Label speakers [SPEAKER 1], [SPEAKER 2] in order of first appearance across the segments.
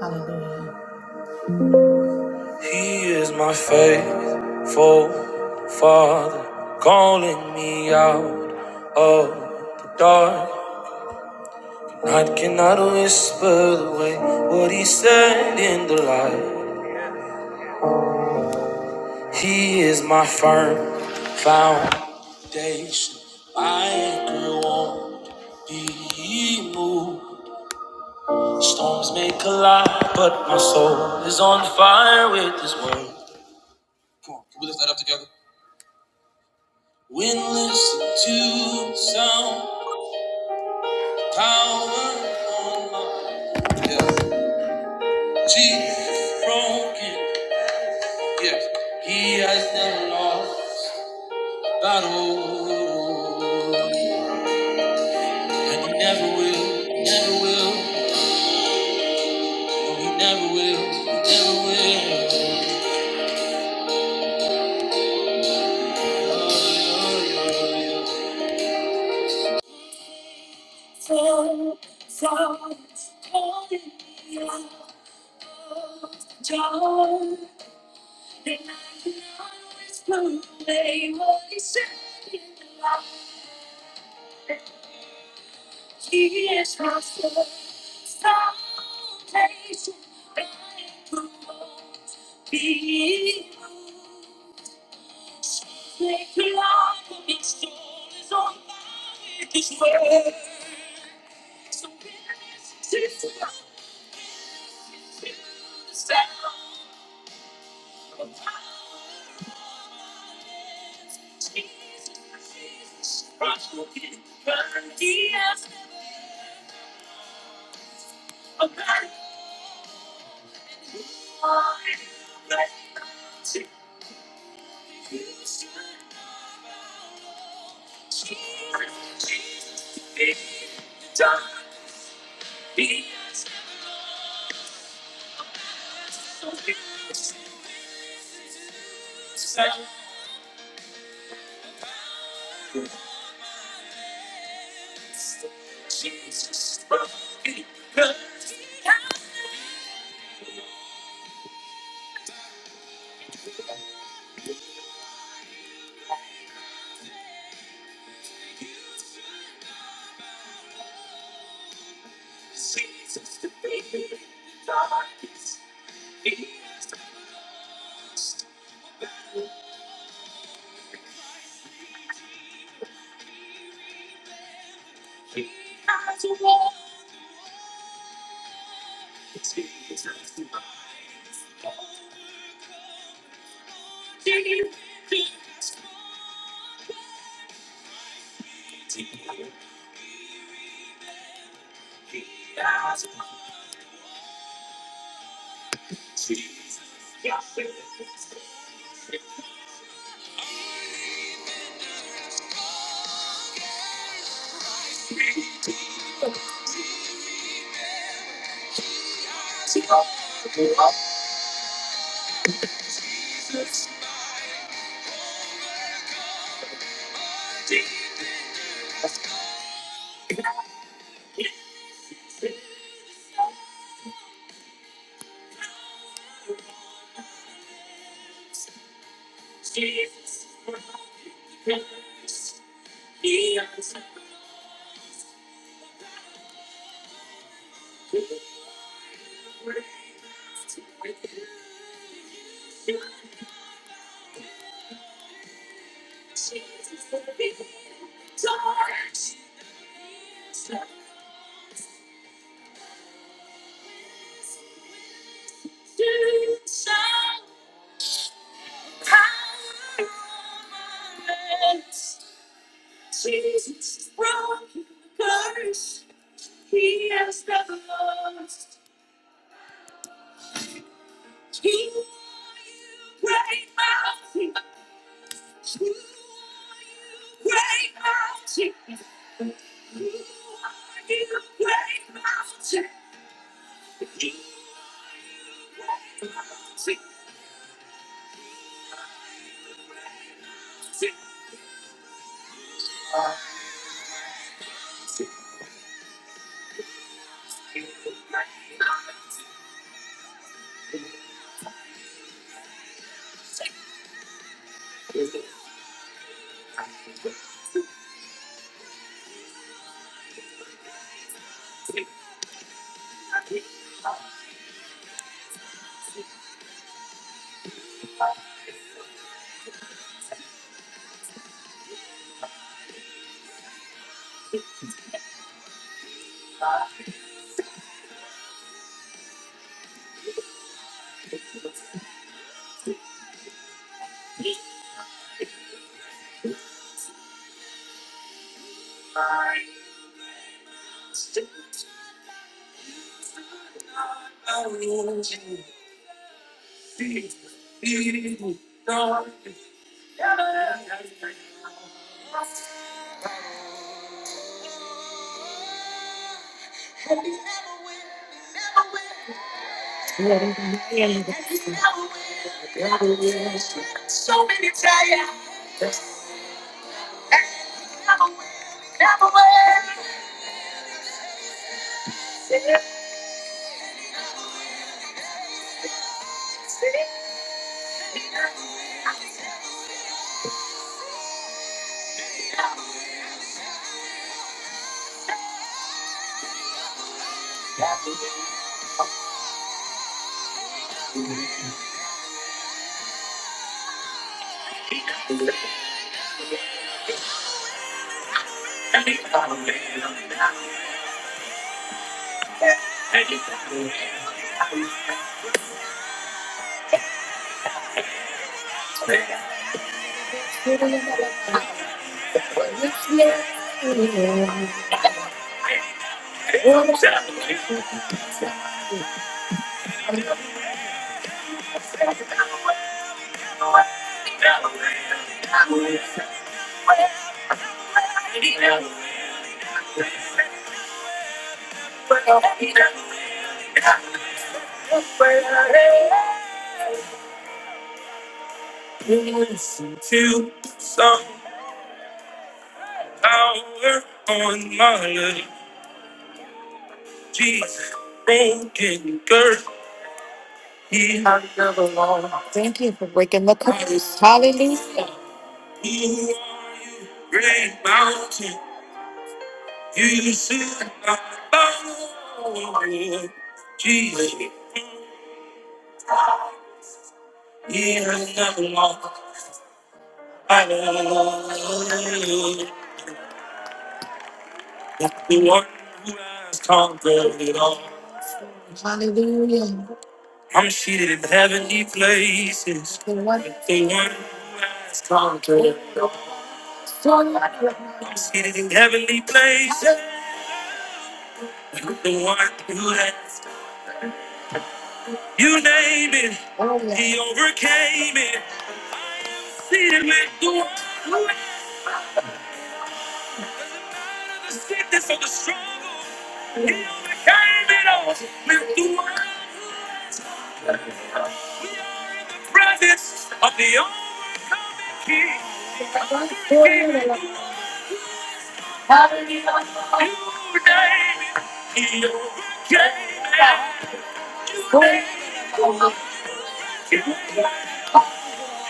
[SPEAKER 1] Hallelujah. He is my faithful father, calling me out of the dark. Night cannot whisper away what he said in the light. He is my firm foundation, my anchor won't be moved. Storms may collide, but my soul is on fire with his word. Come on, can we lift that up together? When listen to sound power on my yes. Jesus broken, yes, he has never lost battle, and he never will, never will, no, he never will, never will. To power on my life. he Lord. Thank you for breaking the curse. Hallelujah. Who are you, You great mountain? You sit above. Jesus, you have never lost. Hallelujah. The one who has conquered it all. Hallelujah. The one so like it. Oh, yeah. Hallelujah.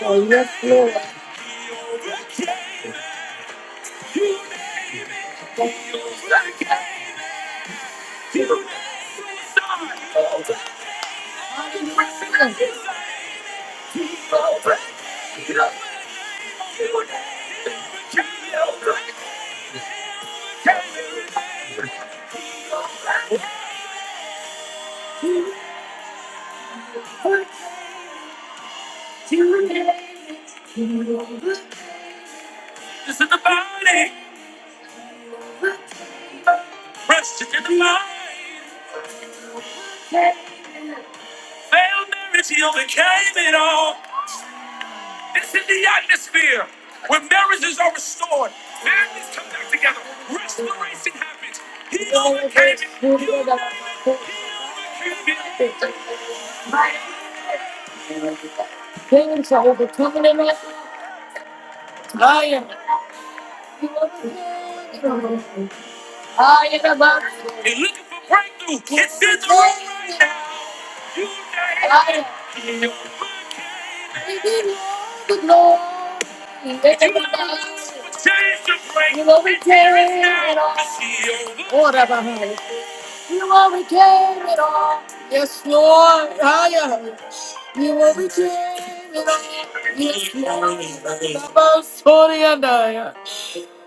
[SPEAKER 1] Oh, yes, Lord. Hallelujah. Things are overcoming it. I am. I am the glory. You overcame it all. Yes, Lord. I am. You overcame it all. Yes, Lord. About Sorry and I am.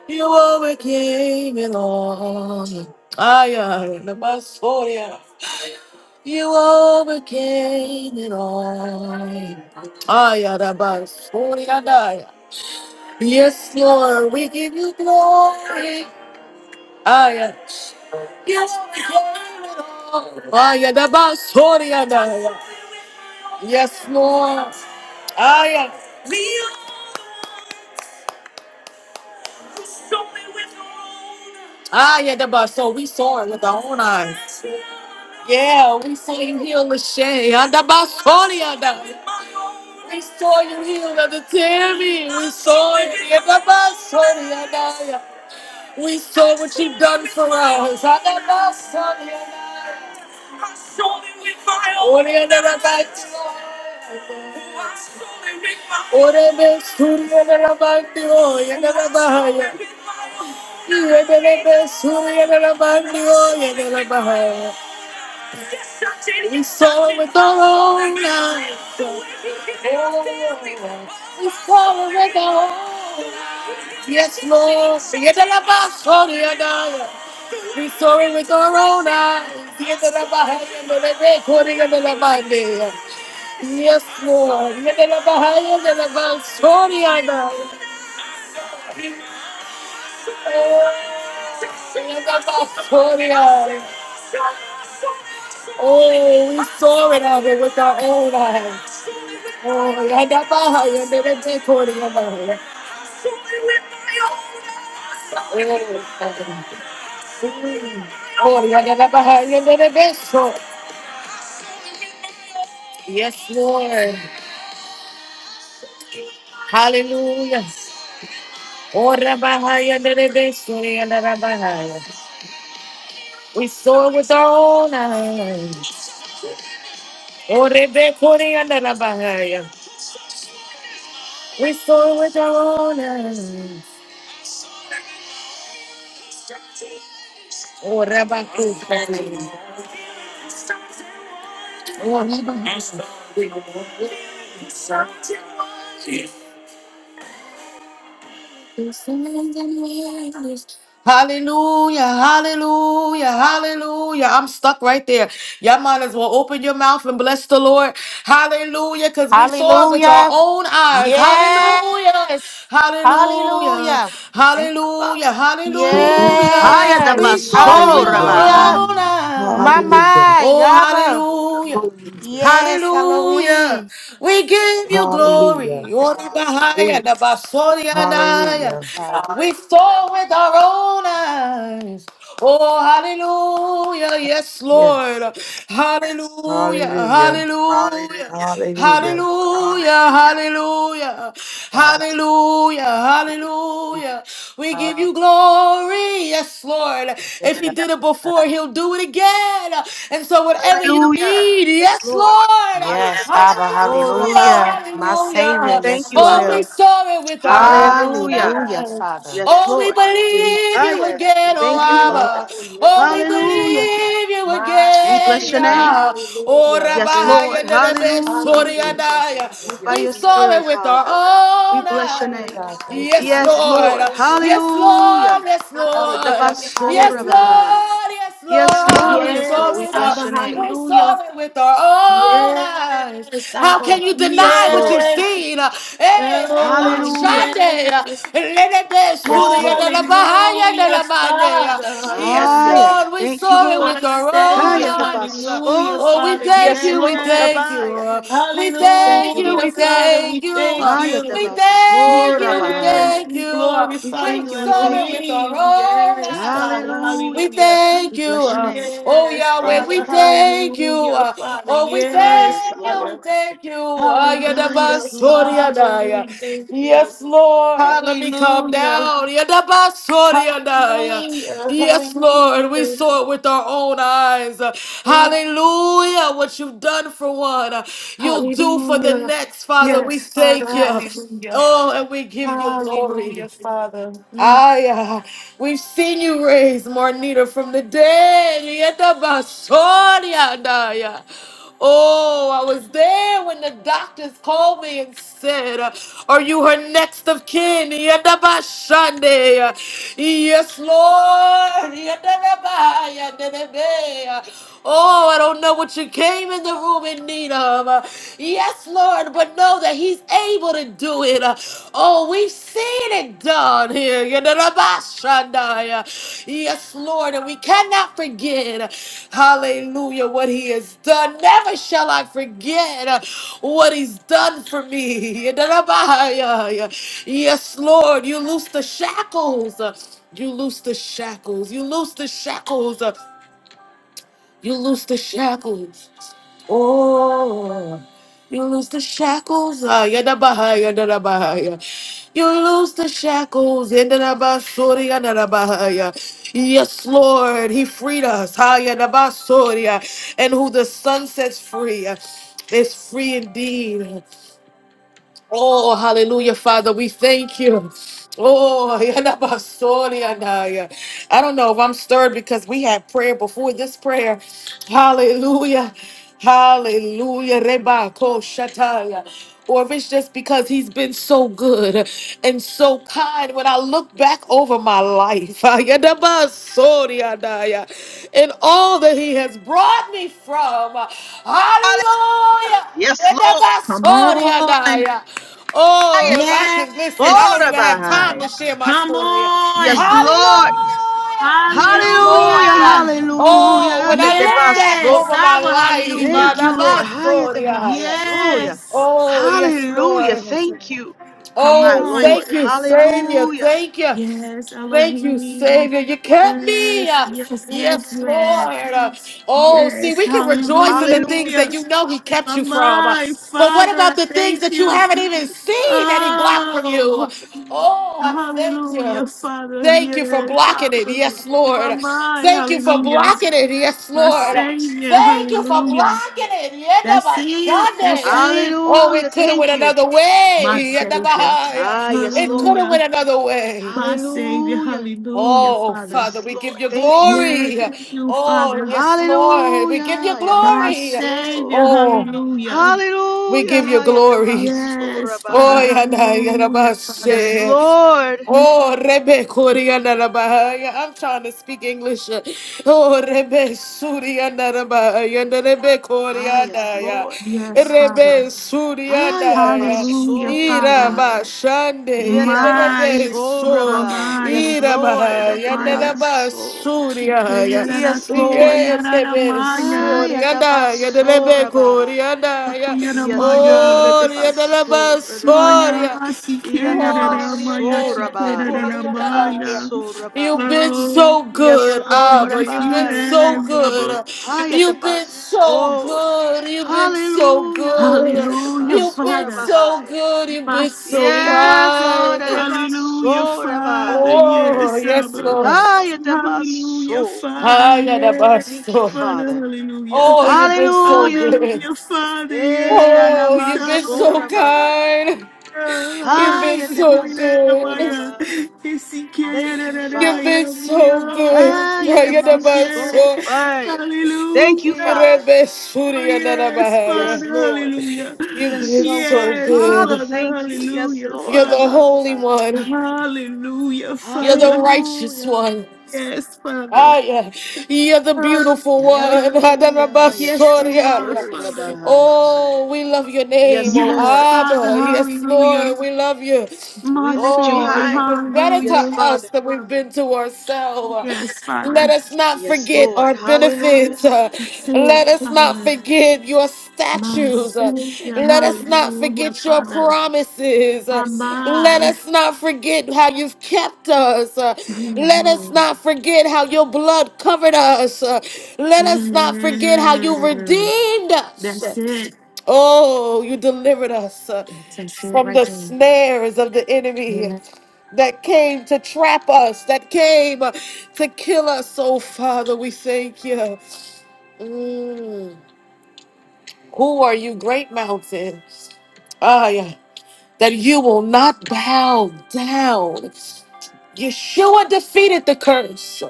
[SPEAKER 1] You overcame it all. I am. About Sorry. You overcame it all. Ayarabasuriadaya. Yes, Lord, we give you glory. Aya. Yes, we overcame it all. Ayarabasuriadaya. Yes, Lord. Aya. Ayadaba. So we saw it with our own eyes. Yeah, we saw you heal the shame. We saw you heal the Tammy. We saw it. Yadabasuriadaya. We saw what you've done for us. Thank you, Lord. Orebe suriyala bandiyo, yena yebelebe suriyala bandiyo, yena la bahai. Toro, we follow it all. Yes, Lord. Yena bahai suriyala. We saw it with our own eyes. Yena la bahai, yena la bahai, yena la bahai. Yes, Lord. Yedelabahaya, yedelabasoria, God. Oh, yedabasoria. Oh, we saw it of it with our own eyes. Oh, yedelabahaya, yedelabetoria, God. Oh, Father. Oh, yedelabahaya, yedelabeso. Yes, Lord. Hallelujah. Oh, rabahaya, yedelabesoria, rabahaya. We saw it with our own eyes. Orebe koreanda la bahaya. We soar with our own eyes. Oraba kusani. Oraba. Hallelujah, hallelujah, hallelujah. I'm stuck right there. Y'all might as well open your mouth and bless the Lord. Hallelujah, because we saw it with our
[SPEAKER 2] Hallelujah.
[SPEAKER 1] own eyes. Hallelujah,
[SPEAKER 2] Yes.
[SPEAKER 1] hallelujah,
[SPEAKER 2] Hallelujah.
[SPEAKER 3] Thank you, Father.
[SPEAKER 1] hallelujah,
[SPEAKER 4] Hallelujah.
[SPEAKER 1] hallelujah.
[SPEAKER 3] Haya
[SPEAKER 1] We
[SPEAKER 2] Yes.
[SPEAKER 1] saw it with
[SPEAKER 3] tabasora
[SPEAKER 1] our
[SPEAKER 4] Hallelujah.
[SPEAKER 2] Hallelujah.
[SPEAKER 3] bahai.
[SPEAKER 1] own eyes.
[SPEAKER 4] Hallelujah.
[SPEAKER 2] Mama,
[SPEAKER 1] Oh,
[SPEAKER 2] Yaba.
[SPEAKER 1] hallelujah.
[SPEAKER 2] Yes,
[SPEAKER 1] Hallelujah.
[SPEAKER 2] Elohim.
[SPEAKER 1] We give you
[SPEAKER 4] Hallelujah.
[SPEAKER 1] glory. Ori bahaya da basori anaya.
[SPEAKER 4] Hallelujah.
[SPEAKER 1] We saw with our own eyes. Oh, hallelujah. Yes, Lord.
[SPEAKER 4] Yes.
[SPEAKER 1] Hallelujah.
[SPEAKER 4] Hallelujah.
[SPEAKER 1] Hallelujah.
[SPEAKER 4] Hallelujah.
[SPEAKER 1] Hallelujah. Hallelujah. Hallelujah. Hallelujah. Hallelujah. We give you glory. Yes, Lord. If he did it before, he'll do it again. And so whatever you
[SPEAKER 3] Hallelujah.
[SPEAKER 1] need,
[SPEAKER 3] Yes,
[SPEAKER 1] yes,
[SPEAKER 3] Lord.
[SPEAKER 1] Lord.
[SPEAKER 3] Haya
[SPEAKER 2] Yes, Abba,
[SPEAKER 3] tabasora
[SPEAKER 1] Hallelujah.
[SPEAKER 3] bahai.
[SPEAKER 2] hallelujah. My
[SPEAKER 3] We
[SPEAKER 2] Savior,
[SPEAKER 1] Hallelujah.
[SPEAKER 3] Thank
[SPEAKER 2] yes,
[SPEAKER 3] you,
[SPEAKER 2] you
[SPEAKER 1] Oh,
[SPEAKER 3] Abba.
[SPEAKER 1] we
[SPEAKER 2] will.
[SPEAKER 1] saw it with our own
[SPEAKER 3] Hallelujah.
[SPEAKER 2] Hallelujah,
[SPEAKER 1] eyes.
[SPEAKER 2] Father.
[SPEAKER 3] Yes,
[SPEAKER 1] Oh, we
[SPEAKER 3] Lord.
[SPEAKER 1] believe you
[SPEAKER 3] Haya.
[SPEAKER 1] again, oh
[SPEAKER 3] Thank you, Father.
[SPEAKER 1] Abba. Oh,
[SPEAKER 2] Hallelujah.
[SPEAKER 1] we
[SPEAKER 3] Hallelujah.
[SPEAKER 1] believe you
[SPEAKER 2] My
[SPEAKER 3] We
[SPEAKER 1] again,
[SPEAKER 3] bless your
[SPEAKER 2] Savior,
[SPEAKER 3] name.
[SPEAKER 1] yeah. Oh,
[SPEAKER 2] hallelujah.
[SPEAKER 3] Yes, Lord.
[SPEAKER 1] Rabahaya Nerebe
[SPEAKER 3] Hallelujah.
[SPEAKER 2] Hallelujah,
[SPEAKER 1] Soriadaya.
[SPEAKER 3] Move
[SPEAKER 2] Father.
[SPEAKER 3] by
[SPEAKER 1] We
[SPEAKER 3] your
[SPEAKER 1] saw it
[SPEAKER 3] spirit,
[SPEAKER 1] with our
[SPEAKER 3] Father. We
[SPEAKER 1] own
[SPEAKER 3] bless your
[SPEAKER 1] eyes.
[SPEAKER 3] name.
[SPEAKER 2] My
[SPEAKER 1] Yes,
[SPEAKER 3] Yes,
[SPEAKER 2] Father,
[SPEAKER 1] Lord.
[SPEAKER 3] Lord.
[SPEAKER 2] hallelujah.
[SPEAKER 1] Yes,
[SPEAKER 3] Hallelujah.
[SPEAKER 1] Lord. Yes, Lord.
[SPEAKER 2] Hallelujah,
[SPEAKER 1] Yes,
[SPEAKER 3] Yatabasora
[SPEAKER 2] hallelujah.
[SPEAKER 3] bahai.
[SPEAKER 1] Lord. Yes,
[SPEAKER 3] Yes,
[SPEAKER 1] Lord.
[SPEAKER 3] Lord.
[SPEAKER 1] We
[SPEAKER 3] Yes, Lord. We
[SPEAKER 2] Yes,
[SPEAKER 1] saw it. uh,
[SPEAKER 3] bless
[SPEAKER 2] Abba,
[SPEAKER 3] your name.
[SPEAKER 1] We
[SPEAKER 2] hallelujah.
[SPEAKER 1] saw it with our own eyes.
[SPEAKER 2] Yes,
[SPEAKER 1] How can
[SPEAKER 2] Abba.
[SPEAKER 1] you
[SPEAKER 3] Yes,
[SPEAKER 1] deny what
[SPEAKER 3] Lord.
[SPEAKER 1] you've
[SPEAKER 2] Yes.
[SPEAKER 1] seen? Hey, Reba
[SPEAKER 2] Oh,
[SPEAKER 3] Hallelujah.
[SPEAKER 1] Shande.
[SPEAKER 2] yes.
[SPEAKER 1] Lelebe
[SPEAKER 3] Yes,
[SPEAKER 1] Suria
[SPEAKER 3] Lord.
[SPEAKER 1] de la Bahaya de
[SPEAKER 2] Hallelujah,
[SPEAKER 1] la Mande.
[SPEAKER 2] Father,
[SPEAKER 1] Yes,
[SPEAKER 2] hallelujah.
[SPEAKER 3] Aya.
[SPEAKER 1] Lord, we
[SPEAKER 3] Thank you,
[SPEAKER 1] saw it
[SPEAKER 3] Lord.
[SPEAKER 2] My
[SPEAKER 1] with our own
[SPEAKER 3] Aya
[SPEAKER 2] Savior,
[SPEAKER 1] eyes.
[SPEAKER 2] hallelujah,
[SPEAKER 3] tabaso.
[SPEAKER 1] Oh, we
[SPEAKER 2] Father.
[SPEAKER 1] thank
[SPEAKER 3] Yes,
[SPEAKER 1] you, we
[SPEAKER 3] Lord.
[SPEAKER 1] thank
[SPEAKER 2] Yes.
[SPEAKER 3] Abaya.
[SPEAKER 1] you. We
[SPEAKER 3] We thank
[SPEAKER 1] thank
[SPEAKER 3] you,
[SPEAKER 1] you,
[SPEAKER 3] Lord.
[SPEAKER 2] Hallelujah,
[SPEAKER 1] we
[SPEAKER 2] Father,
[SPEAKER 1] thank
[SPEAKER 2] we
[SPEAKER 1] you.
[SPEAKER 2] thank
[SPEAKER 3] Aya
[SPEAKER 1] We
[SPEAKER 2] you.
[SPEAKER 3] tabaso
[SPEAKER 1] thank you, we
[SPEAKER 3] rabai.
[SPEAKER 2] Yes,
[SPEAKER 1] thank
[SPEAKER 2] we
[SPEAKER 1] you.
[SPEAKER 3] We
[SPEAKER 2] glorify
[SPEAKER 1] We
[SPEAKER 3] thank
[SPEAKER 2] you,
[SPEAKER 3] you. We thank
[SPEAKER 1] saw it
[SPEAKER 3] you.
[SPEAKER 1] with our
[SPEAKER 2] Elohim. Yes,
[SPEAKER 1] own
[SPEAKER 2] Father,
[SPEAKER 1] eyes. We
[SPEAKER 3] Hallelujah.
[SPEAKER 2] hallelujah.
[SPEAKER 1] thank
[SPEAKER 3] We
[SPEAKER 1] you.
[SPEAKER 3] bless your
[SPEAKER 1] uh,
[SPEAKER 3] name.
[SPEAKER 1] oh,
[SPEAKER 2] Yes,
[SPEAKER 1] Yahweh,
[SPEAKER 3] Thank
[SPEAKER 1] we
[SPEAKER 2] Father,
[SPEAKER 3] you, Father.
[SPEAKER 1] thank you.
[SPEAKER 2] hallelujah,
[SPEAKER 1] uh,
[SPEAKER 2] Father,
[SPEAKER 1] oh, we
[SPEAKER 3] Ah,
[SPEAKER 2] yes,
[SPEAKER 3] yes,
[SPEAKER 1] thank you.
[SPEAKER 3] Lord.
[SPEAKER 1] We
[SPEAKER 2] Father,
[SPEAKER 1] thank you.
[SPEAKER 3] Ah,
[SPEAKER 2] hallelujah,
[SPEAKER 3] yes, Lord.
[SPEAKER 2] Father,
[SPEAKER 1] Ayadabasoriadaya.
[SPEAKER 2] you thank you,
[SPEAKER 1] Yes, Lord. Let me calm
[SPEAKER 2] hallelujah,
[SPEAKER 1] down. Yadabasoriadaya.
[SPEAKER 2] hallelujah,
[SPEAKER 1] Yes,
[SPEAKER 2] hallelujah,
[SPEAKER 1] Lord. We saw it with our own eyes. Uh,
[SPEAKER 2] Yes.
[SPEAKER 1] Hallelujah. What you've done for one, uh, you'll do for the
[SPEAKER 2] hallelujah,
[SPEAKER 1] next, Father. We
[SPEAKER 2] yes, Father,
[SPEAKER 1] thank you.
[SPEAKER 2] hallelujah,
[SPEAKER 1] Oh, and we give you glory.
[SPEAKER 2] hallelujah, Father, Mm.
[SPEAKER 1] Aya, we've seen you raise Marnita from the dead. Yeta basoria daya. Oh, I was there when the doctors called me and said, uh, Are you her next of kin? Yeta bashande. Uh, Yes, Lord. Yeta rabaya dedebe. Uh, Oh, I don't know what you came in the room in need of. Uh, Yes, Yes, Lord, but know that He's able to do it. Uh, Oh, we've seen it done here. Yadadabashandaya. Yes, Lord, and we cannot forget, uh, hallelujah, what He has done. Never shall I forget uh, what He's done for me. Yadadabaya. Yes, Lord, you loose the shackles. uh, You loose the shackles. You loose the shackles. uh, you loose the shackles. Oh, you loose the shackles. Ah, yada baha, yada baha. You loose the shackles. Yada da ba, sorry, yada da baha. Yes, Lord, He freed us. Ah, yada ba, And who the Son sets free is free indeed. Oh, hallelujah, Father. We thank you. Oh, yanabasorianaya. I don't know if I'm stirred because we had prayer before this prayer. Hallelujah. Hallelujah. Reba, Rebako shataya. Or if it's just because he's been so good and so kind when I look back over my life. and all that he has brought me from. Hallelujah.
[SPEAKER 3] Yes, Lord.
[SPEAKER 2] come on,
[SPEAKER 1] Yedabasoriadaya.
[SPEAKER 3] Aya
[SPEAKER 1] Oh, if I can listen, I
[SPEAKER 3] tabaso
[SPEAKER 1] don't
[SPEAKER 2] yes,
[SPEAKER 1] even have time to
[SPEAKER 3] rabai.
[SPEAKER 1] share my
[SPEAKER 2] come
[SPEAKER 1] story.
[SPEAKER 3] Yes,
[SPEAKER 2] on,
[SPEAKER 1] Hallelujah.
[SPEAKER 3] Lord.
[SPEAKER 1] Yes, Lord.
[SPEAKER 3] Hallelujah.
[SPEAKER 2] hallelujah.
[SPEAKER 1] Oh,
[SPEAKER 3] Hallelujah.
[SPEAKER 1] when I look back
[SPEAKER 3] Detebaso.
[SPEAKER 2] Yes,
[SPEAKER 1] over my
[SPEAKER 2] Saba,
[SPEAKER 1] life,
[SPEAKER 3] Thank
[SPEAKER 2] hallelujah.
[SPEAKER 3] you, Lord, higher than my
[SPEAKER 1] Yedabasoriadaya.
[SPEAKER 3] soul. yeah.
[SPEAKER 2] Yes,
[SPEAKER 1] oh, yes,
[SPEAKER 3] Hallelujah.
[SPEAKER 1] Lord.
[SPEAKER 3] Thank you,
[SPEAKER 2] come
[SPEAKER 3] my
[SPEAKER 1] Oh,
[SPEAKER 2] on.
[SPEAKER 3] Lord.
[SPEAKER 1] thank you, Savior.
[SPEAKER 3] Hallelujah.
[SPEAKER 1] Thank you.
[SPEAKER 2] Yes,
[SPEAKER 1] Thank you,
[SPEAKER 2] Elohim.
[SPEAKER 1] Savior. You kept me.
[SPEAKER 2] Yes, yes, yes,
[SPEAKER 1] Yes,
[SPEAKER 2] yes.
[SPEAKER 1] Lord. Oh, see,
[SPEAKER 2] Yes,
[SPEAKER 1] we can rejoice in the things
[SPEAKER 3] Hallelujah.
[SPEAKER 2] hallelujah.
[SPEAKER 1] that you know He kept
[SPEAKER 2] Oh,
[SPEAKER 1] you from.
[SPEAKER 2] My
[SPEAKER 1] But what
[SPEAKER 2] Father,
[SPEAKER 1] about
[SPEAKER 2] I
[SPEAKER 1] the things
[SPEAKER 2] thank
[SPEAKER 1] that you
[SPEAKER 2] you.
[SPEAKER 1] haven't even seen that He blocked from you?
[SPEAKER 2] Oh,
[SPEAKER 1] Oh, I thank you.
[SPEAKER 2] hallelujah, Father.
[SPEAKER 1] Thank you for
[SPEAKER 2] Yes,
[SPEAKER 1] blocking it.
[SPEAKER 2] Abba.
[SPEAKER 1] Yes, Lord.
[SPEAKER 2] My, my,
[SPEAKER 1] Thank you for
[SPEAKER 2] hallelujah.
[SPEAKER 1] blocking it. Yes,
[SPEAKER 2] My
[SPEAKER 1] Lord.
[SPEAKER 2] Savior,
[SPEAKER 1] Thank you for
[SPEAKER 2] hallelujah.
[SPEAKER 1] blocking it. Yeah,
[SPEAKER 2] That's
[SPEAKER 1] never done
[SPEAKER 2] it. That's
[SPEAKER 1] it.
[SPEAKER 2] it.
[SPEAKER 1] Oh, it
[SPEAKER 3] Hallelujah.
[SPEAKER 1] could have went
[SPEAKER 3] Thank you.
[SPEAKER 1] another
[SPEAKER 2] my
[SPEAKER 1] way. Yeah, never.
[SPEAKER 2] Savior.
[SPEAKER 3] Ah, yes,
[SPEAKER 1] It could
[SPEAKER 3] Lord.
[SPEAKER 1] have
[SPEAKER 2] Hallelujah.
[SPEAKER 1] went another way.
[SPEAKER 2] My Savior.
[SPEAKER 3] Hallelujah.
[SPEAKER 2] Hallelujah,
[SPEAKER 1] Oh, oh,
[SPEAKER 2] Father.
[SPEAKER 3] Yes,
[SPEAKER 1] Father, we
[SPEAKER 3] Lord.
[SPEAKER 1] give you
[SPEAKER 3] Thank you.
[SPEAKER 2] Yes,
[SPEAKER 1] glory.
[SPEAKER 2] you,
[SPEAKER 1] Oh,
[SPEAKER 2] Father.
[SPEAKER 1] yes, Lord, we give you
[SPEAKER 3] Hallelujah.
[SPEAKER 2] My
[SPEAKER 1] glory.
[SPEAKER 2] Savior.
[SPEAKER 3] Yatabaso.
[SPEAKER 1] Oh,
[SPEAKER 2] Hallelujah.
[SPEAKER 1] we
[SPEAKER 3] Hallelujah.
[SPEAKER 1] give you glory.
[SPEAKER 2] Yes, Father.
[SPEAKER 1] Oh,
[SPEAKER 3] Hayatamasorabahai.
[SPEAKER 1] yeah, yeah, yeah, yeah,
[SPEAKER 2] Hallelujah,
[SPEAKER 3] Yes,
[SPEAKER 2] Father.
[SPEAKER 1] yeah, yeah.
[SPEAKER 3] Lord.
[SPEAKER 1] Oh, Rebe
[SPEAKER 2] Mm.
[SPEAKER 1] Koriandarabahaya. I'm trying to speak English. Oh, Rebe Suriandarabahaya. Rebe
[SPEAKER 3] Ah, yes,
[SPEAKER 1] Koriandaya.
[SPEAKER 3] Lord.
[SPEAKER 2] Yes, Father.
[SPEAKER 1] Rebe
[SPEAKER 3] Ah,
[SPEAKER 1] Suriandaya.
[SPEAKER 2] Hallelujah,
[SPEAKER 1] Ira
[SPEAKER 2] Father.
[SPEAKER 3] yatabasorabahai.
[SPEAKER 1] Mashande.
[SPEAKER 2] My,
[SPEAKER 1] Rebe
[SPEAKER 2] my,
[SPEAKER 1] Sur.
[SPEAKER 3] Yandabasoraba.
[SPEAKER 2] my.
[SPEAKER 3] Yes,
[SPEAKER 2] oh,
[SPEAKER 1] Ira
[SPEAKER 3] Lord.
[SPEAKER 1] Mahaya.
[SPEAKER 2] Maya.
[SPEAKER 1] Rebe
[SPEAKER 3] Atatayanso.
[SPEAKER 1] Suriaya.
[SPEAKER 2] Shikayarara,
[SPEAKER 3] Yes, Lord.
[SPEAKER 1] Yes,
[SPEAKER 2] sikayarara,
[SPEAKER 1] Rebe
[SPEAKER 2] Maya.
[SPEAKER 1] Suriandaya. Rebe
[SPEAKER 3] Ayatabasoraba.
[SPEAKER 1] Koriandaya.
[SPEAKER 2] Kakuyara,
[SPEAKER 3] Yes, Lord.
[SPEAKER 1] Oh,
[SPEAKER 2] Maya.
[SPEAKER 1] Rebe
[SPEAKER 3] Atabasorabaya.
[SPEAKER 2] Maya,
[SPEAKER 1] Soria. You've
[SPEAKER 2] Sikera, Maya,
[SPEAKER 3] Yanamasoraba.
[SPEAKER 2] Sikera, Maya.
[SPEAKER 3] Yatatayansoraba.
[SPEAKER 1] been
[SPEAKER 2] Oh,
[SPEAKER 1] so
[SPEAKER 3] Yes,
[SPEAKER 1] good,
[SPEAKER 2] Baba,
[SPEAKER 3] Lord.
[SPEAKER 1] Abba.
[SPEAKER 2] yes,
[SPEAKER 1] You've
[SPEAKER 2] you
[SPEAKER 1] been
[SPEAKER 3] Abaya.
[SPEAKER 1] so
[SPEAKER 2] have, Baba.
[SPEAKER 1] good. You've been so
[SPEAKER 3] Ayatabaso.
[SPEAKER 2] Yes.
[SPEAKER 1] good. You've been so
[SPEAKER 3] Hallelujah. Hallelujah.
[SPEAKER 1] good.
[SPEAKER 2] Hallelujah,
[SPEAKER 1] You've been
[SPEAKER 2] Father,
[SPEAKER 3] Atabasoraba.
[SPEAKER 1] so good. You've
[SPEAKER 2] my
[SPEAKER 1] been so
[SPEAKER 2] Savior.
[SPEAKER 3] Yes, Lord.
[SPEAKER 1] kind.
[SPEAKER 2] Hallelujah,
[SPEAKER 3] Atabasoraba.
[SPEAKER 2] Father,
[SPEAKER 1] Oh,
[SPEAKER 2] yes,
[SPEAKER 1] yes,
[SPEAKER 2] Abba.
[SPEAKER 1] Lord.
[SPEAKER 2] Hallelujah,
[SPEAKER 3] Hayatamaso.
[SPEAKER 2] Father,
[SPEAKER 1] I got a
[SPEAKER 2] yes,
[SPEAKER 3] Thank you,
[SPEAKER 1] bustle.
[SPEAKER 2] Father,
[SPEAKER 3] Father.
[SPEAKER 2] hallelujah.
[SPEAKER 1] Oh, you've been so
[SPEAKER 3] Hallelujah.
[SPEAKER 1] good.
[SPEAKER 2] Hallelujah, Father,
[SPEAKER 1] Oh,
[SPEAKER 2] yes,
[SPEAKER 1] you've been
[SPEAKER 2] Abba,
[SPEAKER 1] so
[SPEAKER 2] hallelujah.
[SPEAKER 3] Eyanamasorabahai.
[SPEAKER 1] kind. You've
[SPEAKER 2] Hallelujah.
[SPEAKER 1] been so good.
[SPEAKER 3] Hayatamasorabahai. Thank you,
[SPEAKER 1] You've
[SPEAKER 3] Father.
[SPEAKER 1] been so good.
[SPEAKER 3] Hayatamaso.
[SPEAKER 1] Ayanabaso,
[SPEAKER 3] Ay. Thank you, Father.
[SPEAKER 2] Oh,
[SPEAKER 1] Rebesuri,
[SPEAKER 2] yes,
[SPEAKER 3] Yes,
[SPEAKER 1] Ananabahaya.
[SPEAKER 2] Father,
[SPEAKER 3] Lord.
[SPEAKER 2] hallelujah.
[SPEAKER 3] You've
[SPEAKER 1] You've
[SPEAKER 3] been
[SPEAKER 1] been
[SPEAKER 3] so good.
[SPEAKER 1] so
[SPEAKER 2] Yes,
[SPEAKER 3] Father,
[SPEAKER 1] good.
[SPEAKER 2] Father,
[SPEAKER 3] thank you. Yes,
[SPEAKER 2] hallelujah,
[SPEAKER 3] Lord.
[SPEAKER 1] You're the
[SPEAKER 2] Father.
[SPEAKER 1] Holy
[SPEAKER 3] Abasai.
[SPEAKER 1] One.
[SPEAKER 2] Hallelujah,
[SPEAKER 1] You're the
[SPEAKER 2] Father.
[SPEAKER 1] righteous
[SPEAKER 3] Hallelujah.
[SPEAKER 1] one.
[SPEAKER 2] Yes, Father.
[SPEAKER 1] Ah, yeah. You're the beautiful
[SPEAKER 2] Hallelujah.
[SPEAKER 1] one.
[SPEAKER 3] Hallelujah.
[SPEAKER 2] Yes,
[SPEAKER 1] Adanabasori,
[SPEAKER 2] you are,
[SPEAKER 1] ah, yeah.
[SPEAKER 2] Father.
[SPEAKER 3] Hayatapasorabahai.
[SPEAKER 1] Oh, we love your name.
[SPEAKER 3] Yes,
[SPEAKER 1] Oh,
[SPEAKER 2] Yes,
[SPEAKER 3] Lord.
[SPEAKER 2] Father,
[SPEAKER 1] Abba. Yes,
[SPEAKER 2] hallelujah.
[SPEAKER 1] Lord. We love you.
[SPEAKER 3] We
[SPEAKER 2] My
[SPEAKER 3] lift you
[SPEAKER 1] Oh,
[SPEAKER 2] Savior,
[SPEAKER 1] you've
[SPEAKER 3] high.
[SPEAKER 1] been better to
[SPEAKER 3] Yes,
[SPEAKER 2] hallelujah.
[SPEAKER 3] Father.
[SPEAKER 1] us than we've been to ourselves.
[SPEAKER 2] Yes, Father.
[SPEAKER 1] Let us not
[SPEAKER 3] Yes,
[SPEAKER 1] forget
[SPEAKER 3] Lord.
[SPEAKER 1] our
[SPEAKER 3] Hallelujah.
[SPEAKER 1] benefits.
[SPEAKER 2] Say,
[SPEAKER 1] Let us not
[SPEAKER 2] Father,
[SPEAKER 1] forget your
[SPEAKER 2] my
[SPEAKER 1] statues. Uh,
[SPEAKER 2] Savior,
[SPEAKER 1] Let us not
[SPEAKER 2] hallelujah,
[SPEAKER 1] forget your
[SPEAKER 2] Father,
[SPEAKER 1] promises.
[SPEAKER 2] my
[SPEAKER 1] Uh, Let
[SPEAKER 2] mind,
[SPEAKER 1] us not forget how you've kept us. Uh,
[SPEAKER 2] my
[SPEAKER 1] Let us
[SPEAKER 2] mind.
[SPEAKER 1] not forget how your blood covered us. Uh, Let us not forget how you
[SPEAKER 2] Mm,
[SPEAKER 1] redeemed us.
[SPEAKER 2] That's it.
[SPEAKER 1] Oh, you delivered us uh,
[SPEAKER 2] That's it
[SPEAKER 1] from
[SPEAKER 2] right
[SPEAKER 1] the
[SPEAKER 2] there.
[SPEAKER 1] snares of the enemy
[SPEAKER 2] Yeah.
[SPEAKER 1] that came to trap us, that came uh, to kill us. Oh, Father, we thank you. Mm. Who are you, great mountain? Ah, yeah. That you will not bow down. Yeshua defeated the curse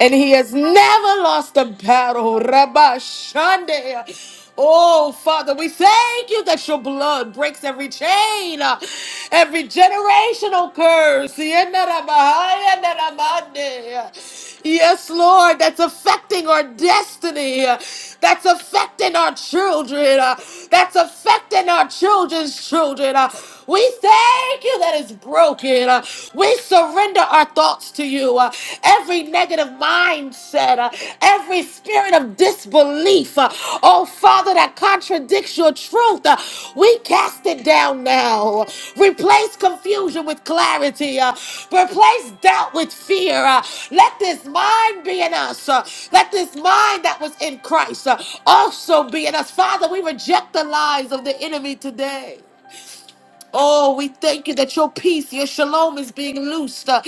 [SPEAKER 1] and he has never lost a battle. Rabbi Shande. Oh, Father, we thank you that your blood breaks every chain, uh, every generational curse. Yenda Rabba, Yenda Rabba Nde. Yes, Lord, that's affecting our destiny. uh, That's affecting our children. uh, That's affecting our children's children. uh, we thank you that it's broken. Uh, We surrender our thoughts to you. Uh, Every negative mindset, uh, every spirit of disbelief, uh, oh Father, that contradicts your truth, uh, we cast it down now. Replace confusion with clarity. uh, Replace doubt with fear. uh, Let this mind be in us. uh, Let this mind that was in Christ uh, also be in us. Father, we reject the lies of the enemy today. Oh, we thank you that your peace, your shalom is being loosed uh,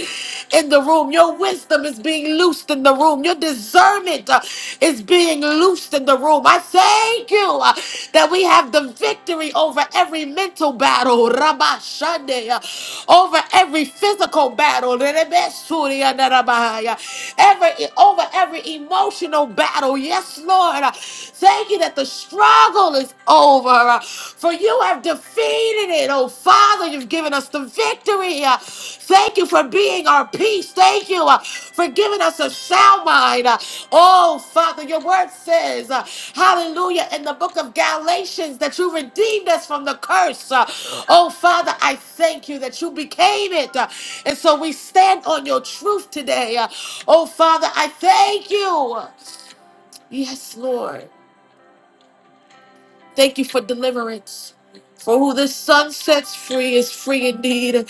[SPEAKER 1] in the room. Your wisdom is being loosed in the room. Your discernment uh, is being loosed in the room. I thank you uh, that we have the victory over every mental battle, Rabba Shande, uh, over every physical battle, Rebe Suri, uh, every, over every emotional battle. Yes, Lord. Uh, Thank you that the struggle is over. uh, For you have defeated it. Oh, Father, you've given us the victory. Uh, Thank you for being our peace. Thank you uh, for giving us a sound mind. Uh, Oh, Father, your word says, uh, hallelujah, in the book of Galatians, that you redeemed us from the curse. Uh, Oh, Father, I thank you that you became it. Uh, And so we stand on your truth today. Uh, Oh, Father, I thank you. Yes, Lord. Thank you for deliverance. For who the sun sets free is free indeed.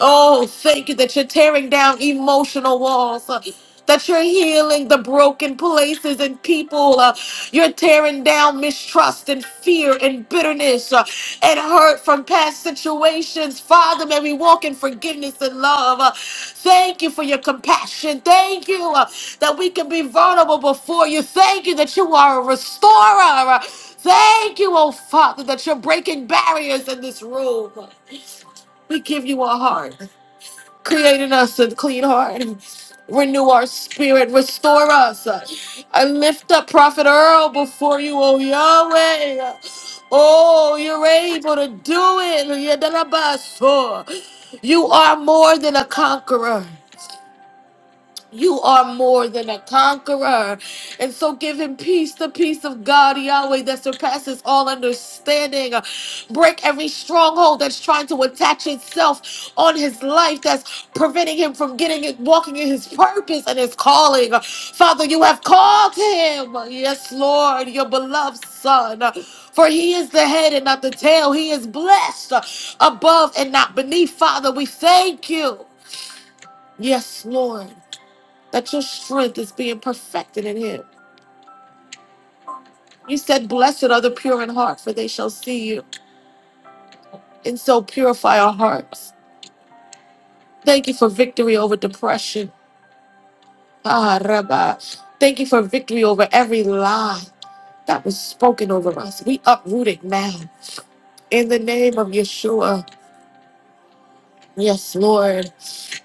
[SPEAKER 1] Oh, thank you that you're tearing down emotional walls. uh, That you're healing the broken places and people. uh, you're tearing down mistrust and fear and bitterness uh, and hurt from past situations. Father, may we walk in forgiveness and love. Uh, thank you for your compassion. Thank you uh, that we can be vulnerable before you. Thank you that you are a restorer. Uh, Thank you, oh Father, that you're breaking barriers in this room. We give you our heart creating us a clean heart. Renew our spirit, restore us. I lift up Prophet Earl before you, oh Yahweh. Oh, you're able to do it. Yadalabaso. You are more than a conqueror. You are more than a conqueror. And so give him peace, the peace of God, Yahweh, that surpasses all understanding. Break every stronghold that's trying to attach itself on his life, that's preventing him from getting it, walking in his purpose and his calling. Father, you have called him. Yes, Lord, your beloved son. For he is the head and not the tail. He is blessed above and not beneath. Father, we thank you. Yes, Lord that your strength is being perfected in Him. You said, Blessed are the pure in heart, for they shall see you. And so purify our hearts. Thank you for victory over depression. Ah, Rabbi. Thank you for victory over every lie that was spoken over us. We uproot it now in the name of Yeshua. Yes, Lord.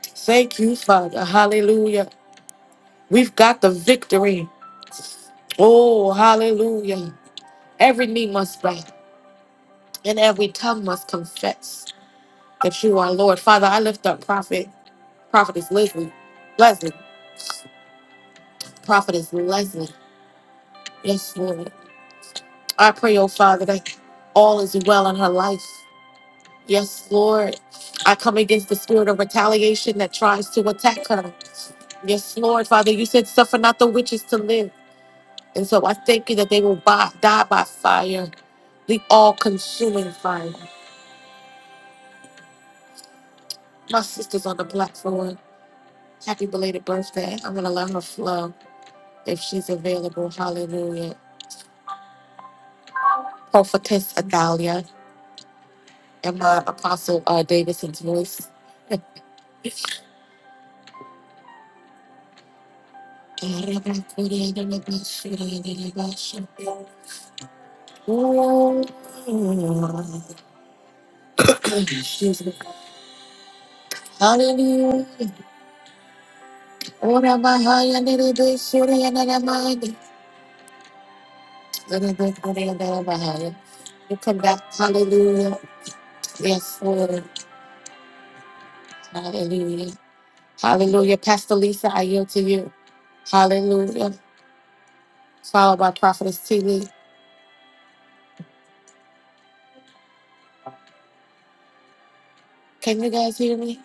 [SPEAKER 1] Thank you, Father. Hallelujah. We've got the victory. Oh, hallelujah. Every knee must bow and every tongue must confess. that you are Lord. Father, I lift up Prophet, Prophetess Leslie, Leslie, Prophetess Leslie. Yes, Lord. I pray, oh Father, that all is well in her life. Yes, Lord. I come against the spirit of retaliation that tries to attack her. Yes, Lord, Father, you said suffer not the witches to live. And so I thank you that they will buy, die by fire, the all consuming fire. My sister's on the platform. Happy belated birthday. I'm going to let her flow if she's available. Hallelujah. Prophetess Adalia, and my Apostle uh, Davidson's voice. Excuse me. Hallelujah. Ora bahaya nerebe surya naramani. Nerebe surya naramahaya. You come back. Hallelujah. Yes, Lord. Hallelujah. Hallelujah. Pastor Lisa, I yield to you. Hallelujah. Followed by Prophetess T. Lee. Can you guys hear me?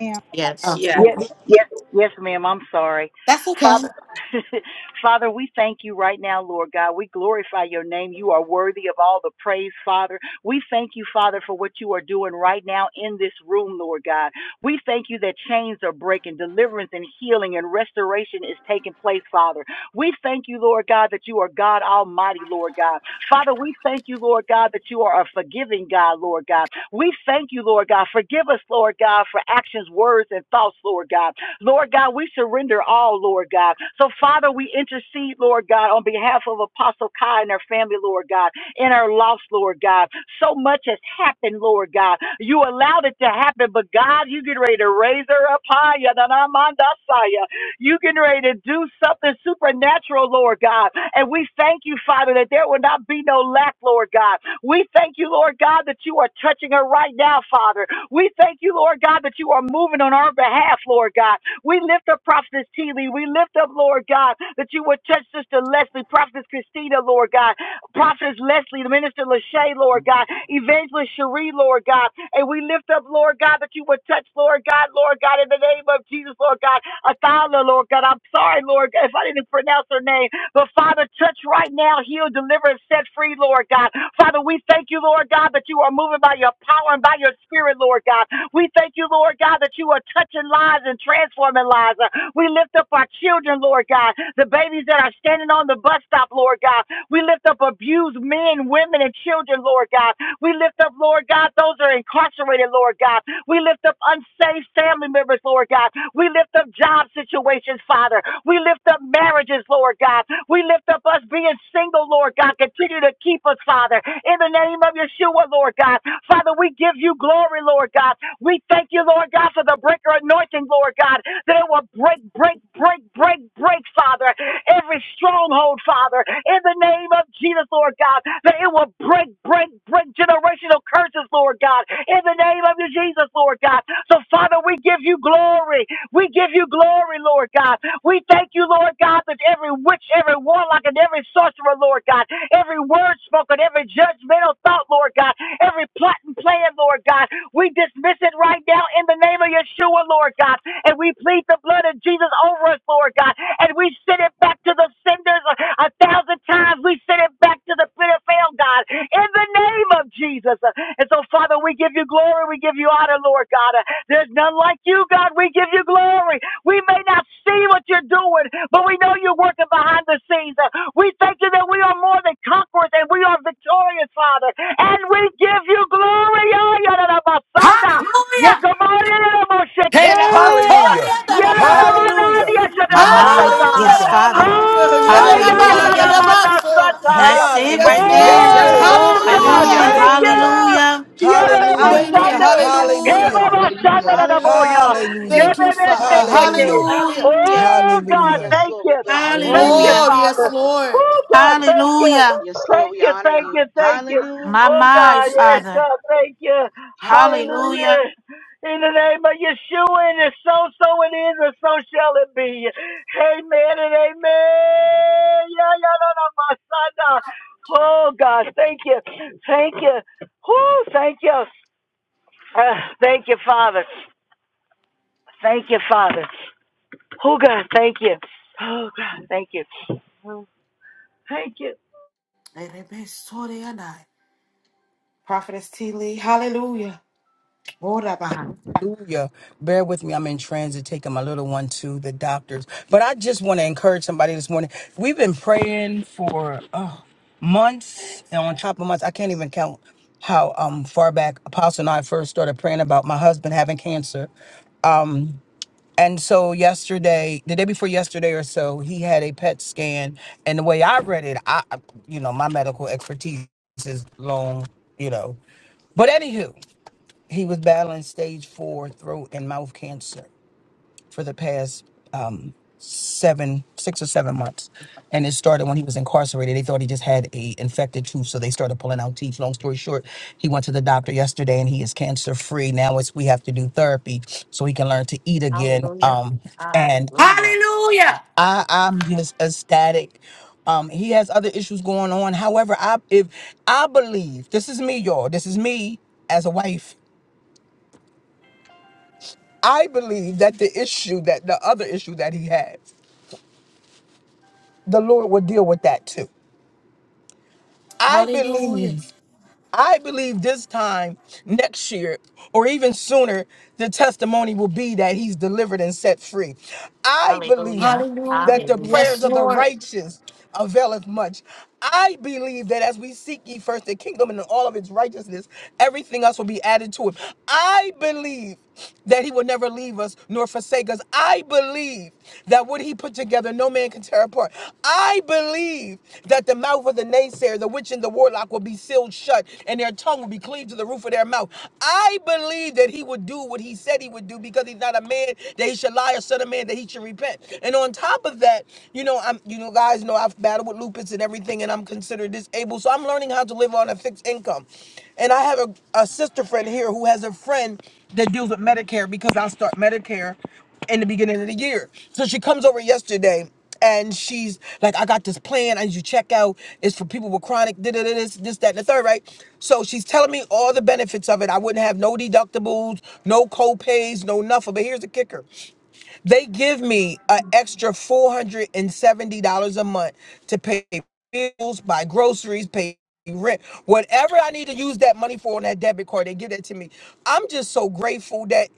[SPEAKER 3] Ma'am.
[SPEAKER 2] Yes,
[SPEAKER 1] Okay.
[SPEAKER 4] Yes.
[SPEAKER 5] Yes, yes, yes, ma'am. I'm sorry.
[SPEAKER 1] That's okay.
[SPEAKER 5] Father, Father, we thank you right now, Lord God. We glorify your name. You are worthy of all the praise, Father. We thank you, Father, for what you are doing right now in this room, Lord God. We thank you that chains are breaking, deliverance and healing and restoration is taking place, Father. We thank you, Lord God, that you are God Almighty, Lord God. Father, we thank you, Lord God, that you are a forgiving God, Lord God. We thank you, Lord God. Forgive us, Lord God, for actions, words, and thoughts, Lord God. Lord God, we surrender all, Lord God. So, Father, we intercede, Lord God, on behalf of Apostle Kai and her family, Lord God, and her loss, Lord God. So much has happened, Lord God. You allowed it to happen, but God, you get ready to raise her up higher than our mandasaya. You getting ready to do something supernatural, Lord God. And we thank you, Father, that there will not be no lack, Lord God. We thank you, Lord God, that you are touching her right now, Father. We thank you, Lord God, that you are moving on our behalf, Lord God. We lift up Prophetess Teeley. We lift up, Lord God, that you would touch Sister Leslie, Prophetess Christina, Lord God, Prophetess Leslie, Minister Lachey, Lord God, Evangelist Cherie, Lord God. And we lift up, Lord God, that you would touch, Lord God, Lord God, in the name of Jesus, Lord God. Athala, Lord God. I'm sorry, Lord, if I didn't pronounce her name. But Father, touch right now, heal, deliver, and set free, Lord God. Father, we thank you, Lord God, that you are moving by your power and by your spirit, Lord God. We thank you, Lord God, that you are touching lives and transforming lives. Uh, We lift up our children, Lord God, the babies that are standing on the bus stop, Lord God. We lift up abused men, women, and children, Lord God. We lift up, Lord God, those that are incarcerated, Lord God. We lift up unsafe family members, Lord God. We lift up job situations, Father. We lift up marriages, Lord God. We lift up us being single, Lord God. Continue to keep us, Father. In the name of Yeshua, Lord God. Father, we give you glory, Lord God. We thank you, Lord God, for the breaker anointing, Lord God, that it will break, break, break, break, break, Father. Every stronghold, Father. In the name of Jesus, Lord God, that it will break, break, break generational curses, Lord God. In the name of your Jesus, Lord God. So, Father, we give you glory. We give you glory, Lord God. We thank you, Lord God, that every witch, every warlock, and every sorcerer, Lord God, every word spoken, every judgmental thought, Lord God, every plot and plan, Lord God, we dismiss it right now in the name of Yeshua, Lord God, and we plead the blood of Jesus over us, Lord God, and we send it back to the senders a, a thousand times. We send it back to the pit of hell, God, in the name of Jesus. And so, Father, we give you glory, we give you honor, Lord God. There's none like you, God. We give you glory. We may not see what you're doing, but we know you're working behind the scenes. Uh, We thank you that we are more than conquerors and we are victorious, Father. And we give you glory. Oh,
[SPEAKER 6] Hallelujah.
[SPEAKER 1] Telebatoya Dalabahaya.
[SPEAKER 6] Hallelujah.
[SPEAKER 2] my mind. Yes,
[SPEAKER 1] Hallelujah,
[SPEAKER 6] Hallelujah.
[SPEAKER 2] Father,
[SPEAKER 1] hallelujah.
[SPEAKER 5] Ah,
[SPEAKER 6] Hallelujah.
[SPEAKER 1] Yedalabahaya
[SPEAKER 2] hallelujah.
[SPEAKER 1] Dabaso.
[SPEAKER 3] Hallelujah.
[SPEAKER 2] That's it
[SPEAKER 1] Yes,
[SPEAKER 2] right
[SPEAKER 6] Hallelujah. Yes,
[SPEAKER 2] there.
[SPEAKER 1] Lord.
[SPEAKER 3] Yes,
[SPEAKER 6] Lord.
[SPEAKER 3] Lord.
[SPEAKER 5] Oh,
[SPEAKER 2] Come
[SPEAKER 5] God,
[SPEAKER 1] Hallelujah.
[SPEAKER 2] on,
[SPEAKER 4] Hallelujah.
[SPEAKER 5] thank
[SPEAKER 6] Hallelujah.
[SPEAKER 3] Abasorabai.
[SPEAKER 5] you.
[SPEAKER 2] hallelujah.
[SPEAKER 5] Oh
[SPEAKER 4] Hallelujah.
[SPEAKER 6] Hallelujah.
[SPEAKER 1] Thank you.
[SPEAKER 3] Hallelujah.
[SPEAKER 2] Yes,
[SPEAKER 1] Hallelujah.
[SPEAKER 6] Hallelujah.
[SPEAKER 4] Hallelujah.
[SPEAKER 2] my
[SPEAKER 3] Hallelujah.
[SPEAKER 2] mind.
[SPEAKER 3] Lift
[SPEAKER 1] Thank
[SPEAKER 6] Hallelujah.
[SPEAKER 1] you,
[SPEAKER 3] up my
[SPEAKER 1] Father.
[SPEAKER 3] soul.
[SPEAKER 6] Hallelujah.
[SPEAKER 1] Hallelujah.
[SPEAKER 2] Hallelujah,
[SPEAKER 5] God,
[SPEAKER 6] Hallelujah.
[SPEAKER 3] Yes,
[SPEAKER 5] thank
[SPEAKER 3] Lord. We
[SPEAKER 5] you.
[SPEAKER 3] bless you.
[SPEAKER 5] Thank you,
[SPEAKER 4] Hallelujah.
[SPEAKER 2] hallelujah,
[SPEAKER 1] Oh, yes,
[SPEAKER 5] Father.
[SPEAKER 1] Lord.
[SPEAKER 5] Oh God, thank you.
[SPEAKER 2] hallelujah.
[SPEAKER 3] Yes, Lord.
[SPEAKER 5] Thank
[SPEAKER 3] We
[SPEAKER 5] you,
[SPEAKER 3] honor
[SPEAKER 5] thank
[SPEAKER 3] you.
[SPEAKER 5] you, thank you.
[SPEAKER 2] My
[SPEAKER 3] Hallelujah.
[SPEAKER 5] Oh
[SPEAKER 2] mind,
[SPEAKER 5] God, yes,
[SPEAKER 2] Father.
[SPEAKER 5] God, thank you.
[SPEAKER 3] Hallelujah.
[SPEAKER 2] Hallelujah.
[SPEAKER 5] Hallelujah. In the name of Yeshua, and it's so, so it is, and so shall it be. Amen and amen. Yeah, yeah, no, no, my son. uh, Oh God, thank you. Thank you. Whoo, thank you. Uh, thank you, Father. Thank you, Father. Oh, God, thank you. Oh, God, thank you. Thank you.
[SPEAKER 1] Elebesoreyanai. Prophetess T. Lee. Hallelujah. Orabahaya.
[SPEAKER 6] Hallelujah. Bear with me. I'm in transit taking my little one to the doctors. But I just want to encourage somebody this morning. We've been praying for oh, months and on top of months. I can't even count how um, far back Apostle and I first started praying about my husband having cancer. And so yesterday, the day before yesterday or so, he had a PET scan. And the way I read it, I, you know, my medical expertise is long, you know, but anywho, he was battling stage four throat and mouth cancer for the past um, seven, six or seven months. And it started when he was incarcerated. They thought he just had a infected tooth, so they started pulling out teeth. Long story short, he went to the doctor yesterday, and he is cancer free. Now it's we have to do therapy so he can learn to eat again.
[SPEAKER 2] Hallelujah.
[SPEAKER 6] Um, and
[SPEAKER 2] Hallelujah.
[SPEAKER 6] I, I'm just ecstatic. Um, he has other issues going on. However, I if I believe this is me, y'all. This is me as a wife. I believe that the issue that the other issue that he had. the Lord will deal with that too. I
[SPEAKER 1] Hallelujah.
[SPEAKER 6] believe, I believe this time next year or even sooner, the testimony will be that he's delivered and set free. I believe
[SPEAKER 2] Hallelujah.
[SPEAKER 6] that
[SPEAKER 1] Hallelujah.
[SPEAKER 6] the
[SPEAKER 2] Hallelujah.
[SPEAKER 1] Yes,
[SPEAKER 6] prayers of the
[SPEAKER 1] Lord.
[SPEAKER 6] righteous availeth much. I believe that as we seek ye first the kingdom and all of its righteousness, everything else will be added to it. I believe that he will never leave us nor forsake us. I believe believe that what he put together, no man can tear apart. I believe that the mouth of the naysayer, the witch and the warlock will be sealed shut and their tongue will be cleaved to the roof of their mouth. I believe that he would do what he said he would do because he's not a man that he should lie or son of man that he should repent. And on top of that, you know, I'm, you know, guys know I've battled with lupus and everything and I'm considered disabled. So I'm learning how to live on a fixed income. And I have a, a sister friend here who has a friend that deals with Medicare because I start Medicare in the beginning of the year. So she comes over yesterday and she's like, I got this plan. I need you to check out. It's for people with chronic da da da this, this, that, and the third, right? So she's telling me all the benefits of it. I wouldn't have no deductibles, no co-pays, no nothing. But here's the kicker. They give me an extra $470 a month to pay bills, buy groceries, pay rent, whatever I need to use that money for on that debit card, they give that to me. I'm just so grateful that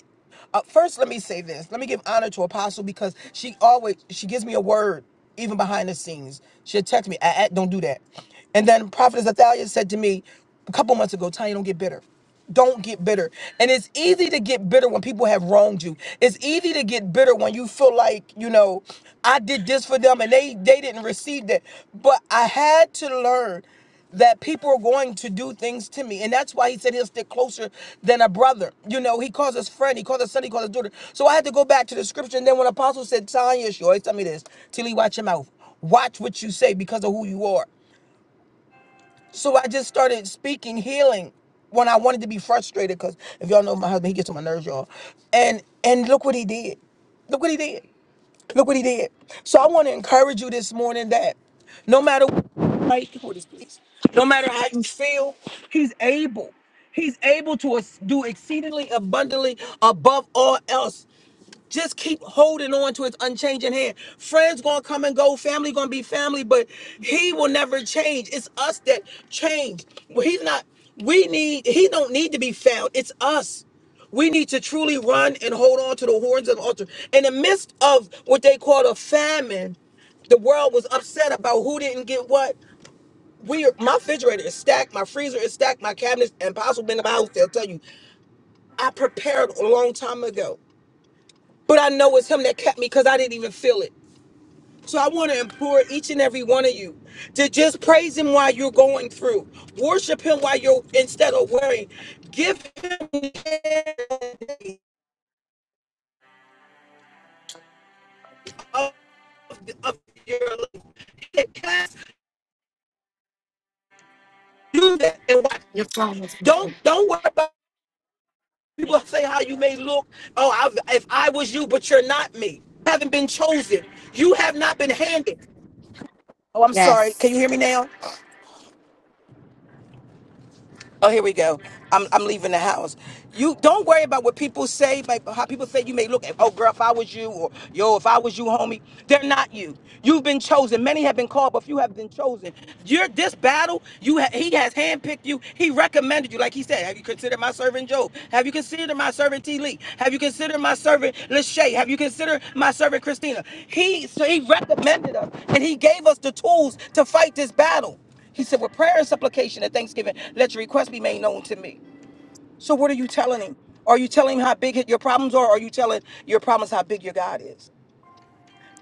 [SPEAKER 6] uh, first let me say this let me give honor to apostle because she always she gives me a word even behind the scenes she'll text me I, don't do that and then prophetess athalia said to me a couple months ago tanya don't get bitter don't get bitter. And it's easy to get bitter when people have wronged you. It's easy to get bitter when you feel like, you know, I did this for them and they they didn't receive that. But I had to learn that people are going to do things to me. And that's why he said he'll stick closer than a brother. You know, he calls us friend, he calls us son, he calls us daughter. So I had to go back to the scripture. And then when Apostle said, Tanya, she always tell me this, Tilly, watch your mouth. Watch what you say because of who you are. So I just started speaking healing when I wanted to be frustrated because if y'all know my husband, he gets on my nerves, y'all. And and look what he did. Look what he did. Look what he did. So I want to encourage you this morning that no matter right for this please, no matter how you feel, he's able. He's able to ex- do exceedingly abundantly above all else. Just keep holding on to his unchanging hand. Friends gonna come and go, family gonna be family, but he will never change. It's us that change. Well, he's not, we need, he don't need to be found. It's us. We need to truly run and hold on to the horns of the altar. In the midst of what they call a famine, the world was upset about who didn't get what. We are, my refrigerator is stacked, my freezer is stacked, my cabinets and possibly in the house. They'll tell you, I prepared a long time ago. But I know it's him that kept me because I didn't even feel it. So I want to implore each and every one of you to just praise him while you're going through. Worship him while you're instead of worrying. Give him the air of, of your life. Cast- Do that and watch.
[SPEAKER 1] Your
[SPEAKER 6] him.
[SPEAKER 1] promise.
[SPEAKER 6] Don't don't worry about people say how you may look. Oh, I, if I was you, but you're not me. You haven't been chosen. You have not been handed. Oh, I'm sorry. Can
[SPEAKER 1] Yes.
[SPEAKER 6] you hear me now? Oh, here we go. I'm I'm leaving the house. You don't worry about what people say, like how people say you may look at. Oh, girl, if I was you, or yo, if I was you, homie, they're not you. You've been chosen. Many have been called, but few have been chosen. You're this battle. You ha- he has handpicked you. He recommended you, like he said. Have you considered my servant Job? Have you considered my servant T. Lee? Have you considered my servant Lachey? Have you considered my servant Christina? He so he recommended us, and he gave us the tools to fight this battle. He said, with prayer and supplication and thanksgiving, let your request be made known to me. So what are you telling him? Are you telling him how big your problems are? Or are you telling your problems how big your God is?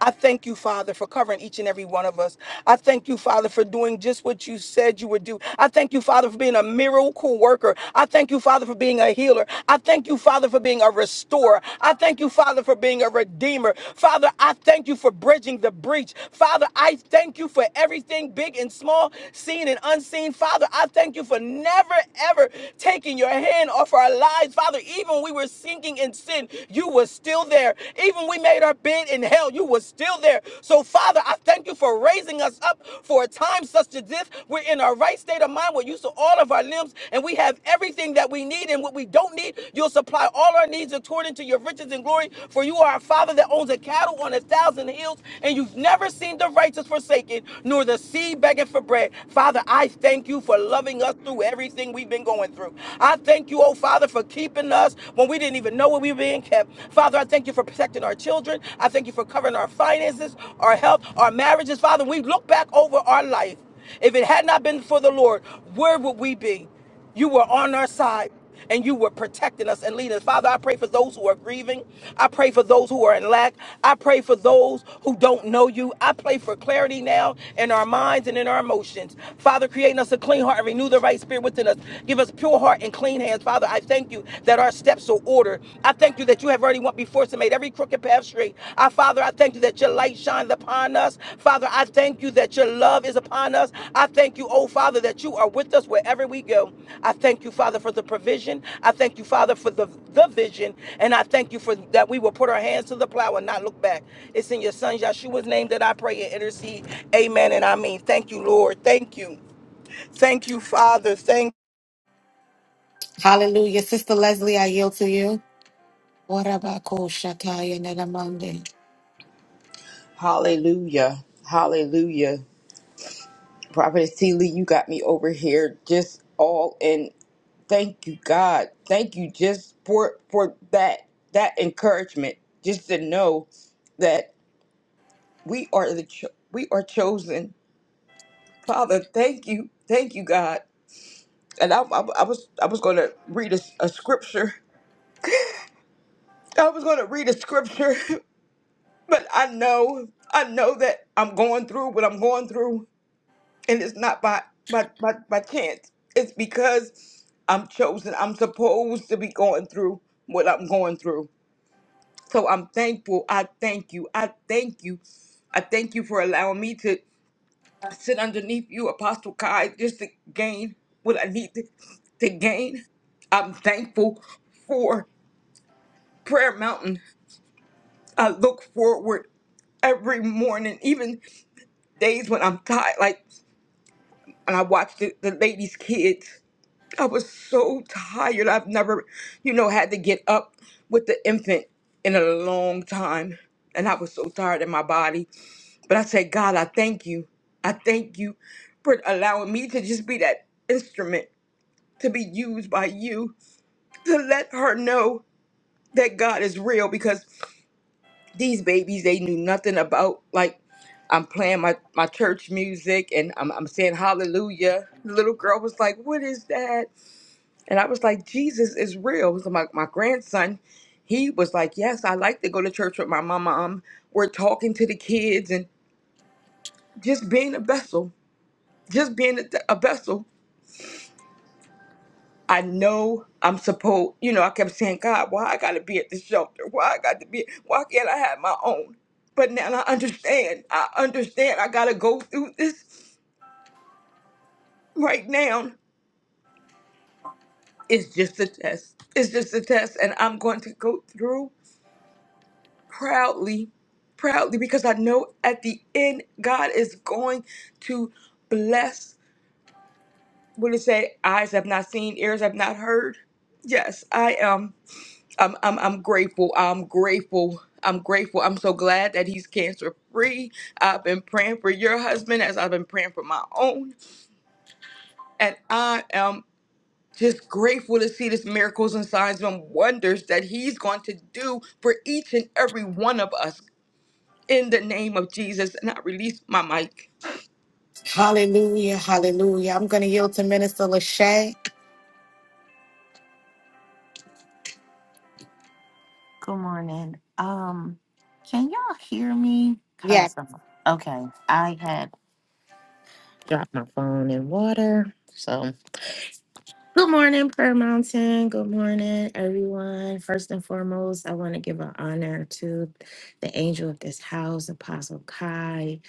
[SPEAKER 6] I thank you, Father, for covering each and every one of us. I thank you, Father, for doing just what you said you would do. I thank you, Father, for being a miracle worker. I thank you, Father, for being a healer. I thank you, Father, for being a restorer. I thank you, Father, for being a redeemer. Father, I thank you for bridging the breach. Father, I thank you for everything big and small, seen and unseen. Father, I thank you for never, ever taking your hand off our lives. Father, even when we were sinking in sin, you were still still there. Even we made our bid in hell, you were still there. So, Father, I thank you for raising us up for a time such as this. We're in our right state of mind. We're used to all of our limbs, and we have everything that we need. And what we don't need, you'll supply all our needs according to your riches and glory. For you are a Father that owns a cattle on a thousand hills, and you've never seen the righteous forsaken, nor the seed begging for bread. Father, I thank you for loving us through everything we've been going through. I thank you, oh Father, for keeping us keeping us when we didn't even know where we were being kept. Father, I thank you for protecting our children. I thank you for covering our finances, our health, our marriages. Father, we look back over our life. If it had not been for the Lord, where would we be? You were on our side and you were protecting us and leading us. Father, I pray for those who are grieving. I pray for those who are in lack. I pray for those who don't know you. I pray for clarity now in our minds and in our emotions. Father, create in us a clean heart and renew the right spirit within us. Give Give us pure heart and clean hands. Father, I thank you that our steps are ordered. I thank you that you have already went before us and made every crooked path straight. Our Father, I thank you that your light shines upon us. Father, I thank you that your love is upon us. I thank you, oh Father, that you are with us wherever we go. I thank you, Father, for the provision. I thank you, Father, for the, the vision. And I thank you for that we will put our hands to the plow and not look back. It's in your son Yeshua's name that I pray and intercede. Amen. And I mean, thank you, Lord. Thank you. Thank you, Father. Thank.
[SPEAKER 1] Hallelujah. Sister Leslie, I yield to you. What about Koshataya Nedamande?
[SPEAKER 4] Hallelujah. Hallelujah. Prophet Seeley, you got me over here just all in. Thank you, God. Thank you just for for that that encouragement. Just to know that. we are the cho- we are chosen father thank you thank you god and i, I, I was i was going to read a, a scripture i was going to read a scripture but i know i know that i'm going through what i'm going through and it's not by by by, by chance it's because i'm chosen i'm supposed to be going through what i'm going through so i'm thankful i thank you i thank you i thank you for allowing me to. sit underneath you, Apostle Kai, just to gain what I need to, to gain. I'm thankful for Prayer Mountain. I look forward every morning, even days when I'm tired, like and I watched the, the ladies' kids. I was so tired. I've never, you know, had to get up with the infant in a long time. And I was so tired in my body. But I said, God, I thank you. I thank you for allowing me to just be that instrument to be used by you to let her know that God is real because these babies they knew nothing about like I'm playing my, my church music and I'm, I'm saying hallelujah. The little girl was like, What is that? And I was like, Jesus is real. So my, my grandson, he was like, Yes, I like to go to church with my mama. Um, we're talking to the kids and just being a vessel, just being a, a vessel I know I'm supposed, you know, I kept saying, God, why I gotta be at the shelter? Why I got to be, why can't I have my own? But now I understand. I understand I gotta go through this right now. It's just a test. It's just a test. And I'm going to go through proudly, proudly, because I know at the end, God is going to bless. What did it say? Eyes have not seen, ears have not heard. Yes, I am. I'm I'm I'm grateful. I'm grateful. I'm grateful. I'm so glad that he's cancer free. I've been praying for your husband as I've been praying for my own. And I am just grateful to see this miracles and signs and wonders that he's going to do for each and every one of us in the name of Jesus. And I release my mic.
[SPEAKER 1] Hallelujah. Hallelujah. I'm going to yield to Minister Lachey.
[SPEAKER 2] Good morning. Um, can y'all hear me?
[SPEAKER 1] Yeah.
[SPEAKER 2] Cause I'm okay. I had dropped my phone in water. So good morning, Prayer Mountain. Good morning, everyone. First and foremost, I want to give an honor to the angel of this house, Apostle Kai.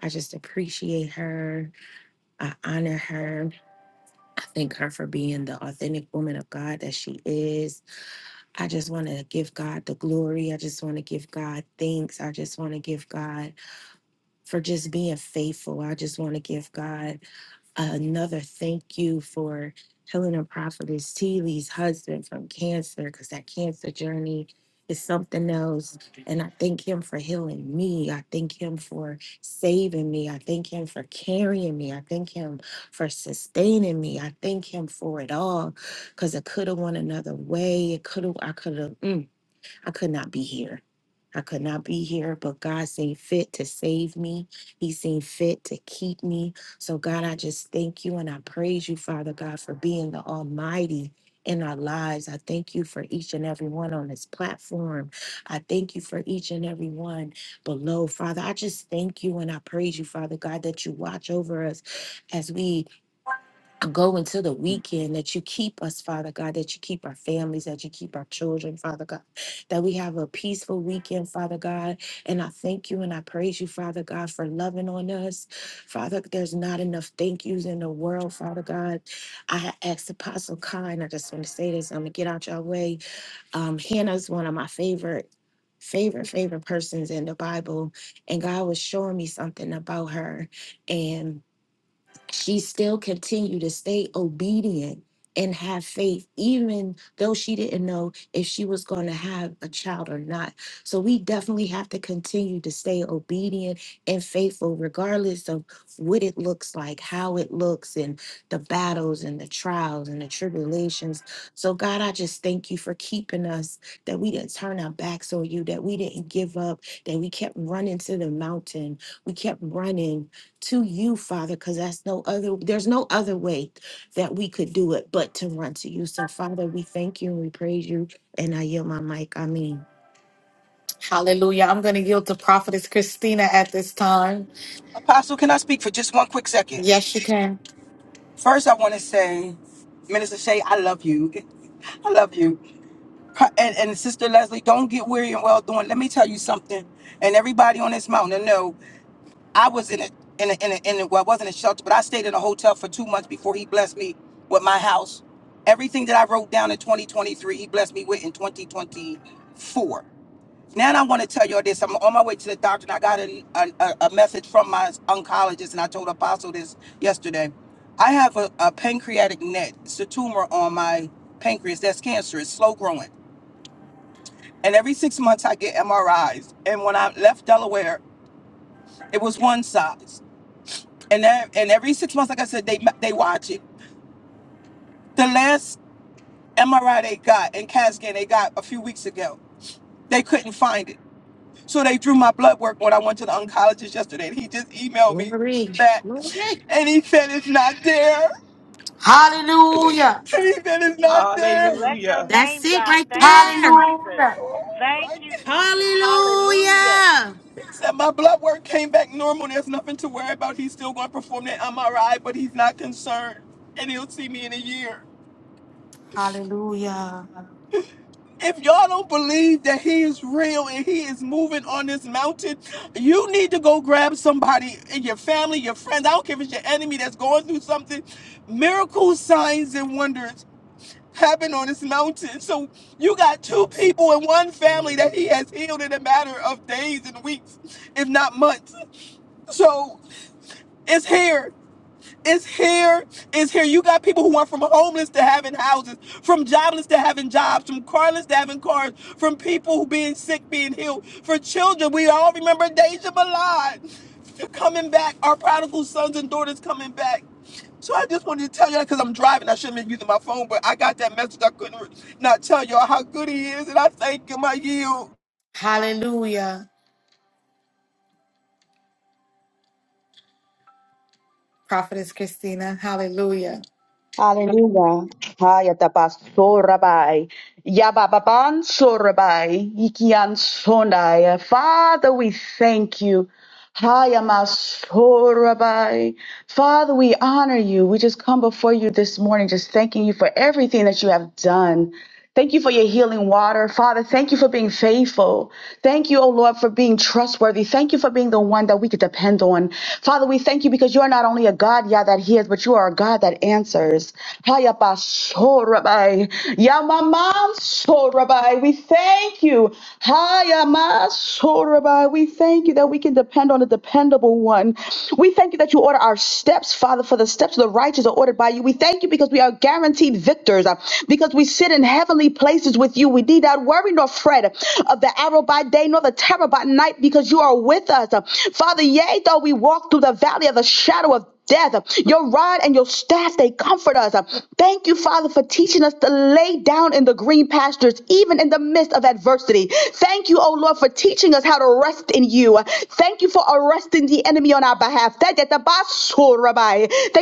[SPEAKER 2] I just appreciate her. I honor her. I thank her for being the authentic woman of God that she is I just want to give God the glory. I just want to give God thanks. I just want to give God for just being faithful. I just want to give God another thank you for healing a Prophetess Teeley's husband from cancer, because that cancer journey is something else. And I thank him for healing me. I thank him for saving me. I thank him for carrying me. I thank him for sustaining me. I thank him for it all because it could have went another way. It could have, I could have. I could not be here. I could not be here, but God seen fit to save me. He seen fit to keep me. So, God, I just thank you and I praise you, Father God, for being the Almighty in our lives. I thank you for each and every one on this platform. I thank you for each and every one below, Father. I just thank you and praise you, Father, that you watch over us as we go into the weekend that you keep us, Father God, that you keep our families, that you keep our children, Father God, that we have a peaceful weekend, Father God. And I thank you and I praise you, Father God, for loving on us. Father, there's not enough thank yous in the world, Father God. I had asked Apostle Kine, I just want to say this, I'm going to get out your way. Um, Hannah's one of my favorite. Favorite, favorite persons in the Bible. And God was showing me something about her. And she's continued to stay on faith, even though she didn't know if she was going to have a child or not. So we definitely have to continue to stay obedient and faithful, of what it looks like, how it looks, and the battles and the trials and the tribulations. So, God, I just thank you for keeping us, that we didn't turn our backs on you, that we didn't give up, that we kept running to the mountain. We kept running to you, Father, because that's no other, there's no other way that we could do it but to run to you. So, Father, we thank you and we praise you. And I yield my mic. I mean,
[SPEAKER 1] Hallelujah. I'm going to yield to Prophetess Christina at this time.
[SPEAKER 6] Apostle, can I speak for just one quick second?
[SPEAKER 1] Yes, you can.
[SPEAKER 6] First, I want to say, Minister Shay, I love you. I love you. And, and Sister Leslie, don't get weary and well doing. Let me tell you something. And everybody on this mountain, know I was in a in a, in a, in a well, I wasn't a shelter, but I stayed in a hotel for two months before he blessed me with my house. Everything that I wrote down in 2023, he blessed me with in 2024. Now I want to tell you all this. I'm on my way to the doctor, and I got a, a, a message from my oncologist, and I told Apostle this yesterday. I have a, a pancreatic net. It's a tumor on my pancreas that's cancerous, slow growing. And every six months I get MRIs. And when I left Delaware, it was one size. And then, and every six months, like I said, they they watch it. The last MRI they got and CAT scan they got a few weeks ago, they couldn't find it. So they drew my blood work when I went to the oncologist yesterday. And he just emailed me
[SPEAKER 2] glory,
[SPEAKER 6] that,
[SPEAKER 2] glory.
[SPEAKER 6] and he said it's not there.
[SPEAKER 1] Hallelujah.
[SPEAKER 6] And he said it's not there.
[SPEAKER 5] Bless your
[SPEAKER 4] Hallelujah.
[SPEAKER 2] That's
[SPEAKER 5] name,
[SPEAKER 2] it
[SPEAKER 5] God.
[SPEAKER 2] right
[SPEAKER 5] Thank you,
[SPEAKER 2] there.
[SPEAKER 5] Jesus.
[SPEAKER 1] Hallelujah.
[SPEAKER 6] Oh,
[SPEAKER 5] Thank
[SPEAKER 6] I,
[SPEAKER 5] you,
[SPEAKER 6] did-
[SPEAKER 5] Jesus. Hallelujah.
[SPEAKER 2] Hallelujah.
[SPEAKER 6] he said my blood work came back normal. There's nothing to worry about. He's still going to perform that MRI, but he's not concerned, and he'll see me in a year.
[SPEAKER 1] Hallelujah.
[SPEAKER 6] If y'all don't believe that he is real and he is moving on this mountain, you need to go grab somebody in your family, your friends. I don't care if it's your enemy that's going through something. Miracles, signs, and wonders happen on this mountain. So you got two
[SPEAKER 2] Yes.
[SPEAKER 6] people in one family that he
[SPEAKER 2] Hallelujah.
[SPEAKER 6] has healed in a matter of days and weeks, if not months. So it's here. It's here. It's here. You got people who went from homeless to having houses, from jobless to having jobs, from carless to having cars, from people who being sick, being healed. For children, we all remember Deja Balad coming back, our prodigal sons and daughters coming back. So I just wanted to tell you that because I'm driving. I shouldn't be using my phone, but I got that message. I couldn't not tell y'all how good he is, and I thank him. I yield.
[SPEAKER 1] Hallelujah. Prophetess Christina. Hallelujah.
[SPEAKER 3] Hallelujah. Hayatapasorabai. Yabababan sorabai. ikian Ikiansonai. Father, we thank you. Hayamasorabai. Father, we honor you. We just come before you this morning, just thanking you for everything that you have done. Thank you for your healing water. Father, thank you for being faithful. Thank you, oh Lord, for being trustworthy. Thank you for being the one that we could depend on. Father, we thank you because you are not only a God, yeah, that hears, but you are a God that answers. Haya baso rabai. Ya mama so rabai. We thank you. Haya maso rabai. We thank you that we can depend on a dependable one. We thank you that you order our steps, Father, for the steps of the righteous are ordered by you. We thank you because we are guaranteed victors uh, because we sit in heavenly places with you. We need not worry nor fret of the arrow by day nor the terror by night because you are with us. Uh, Father, yea, though we walk through the valley of the shadow of death. Your rod and your staff, they comfort us. Thank you, Father, for teaching us to lay down in the green pastures, even in the midst of adversity. Thank you, O Lord, for teaching us how to rest in you. Thank you for arresting the enemy on our behalf. Thank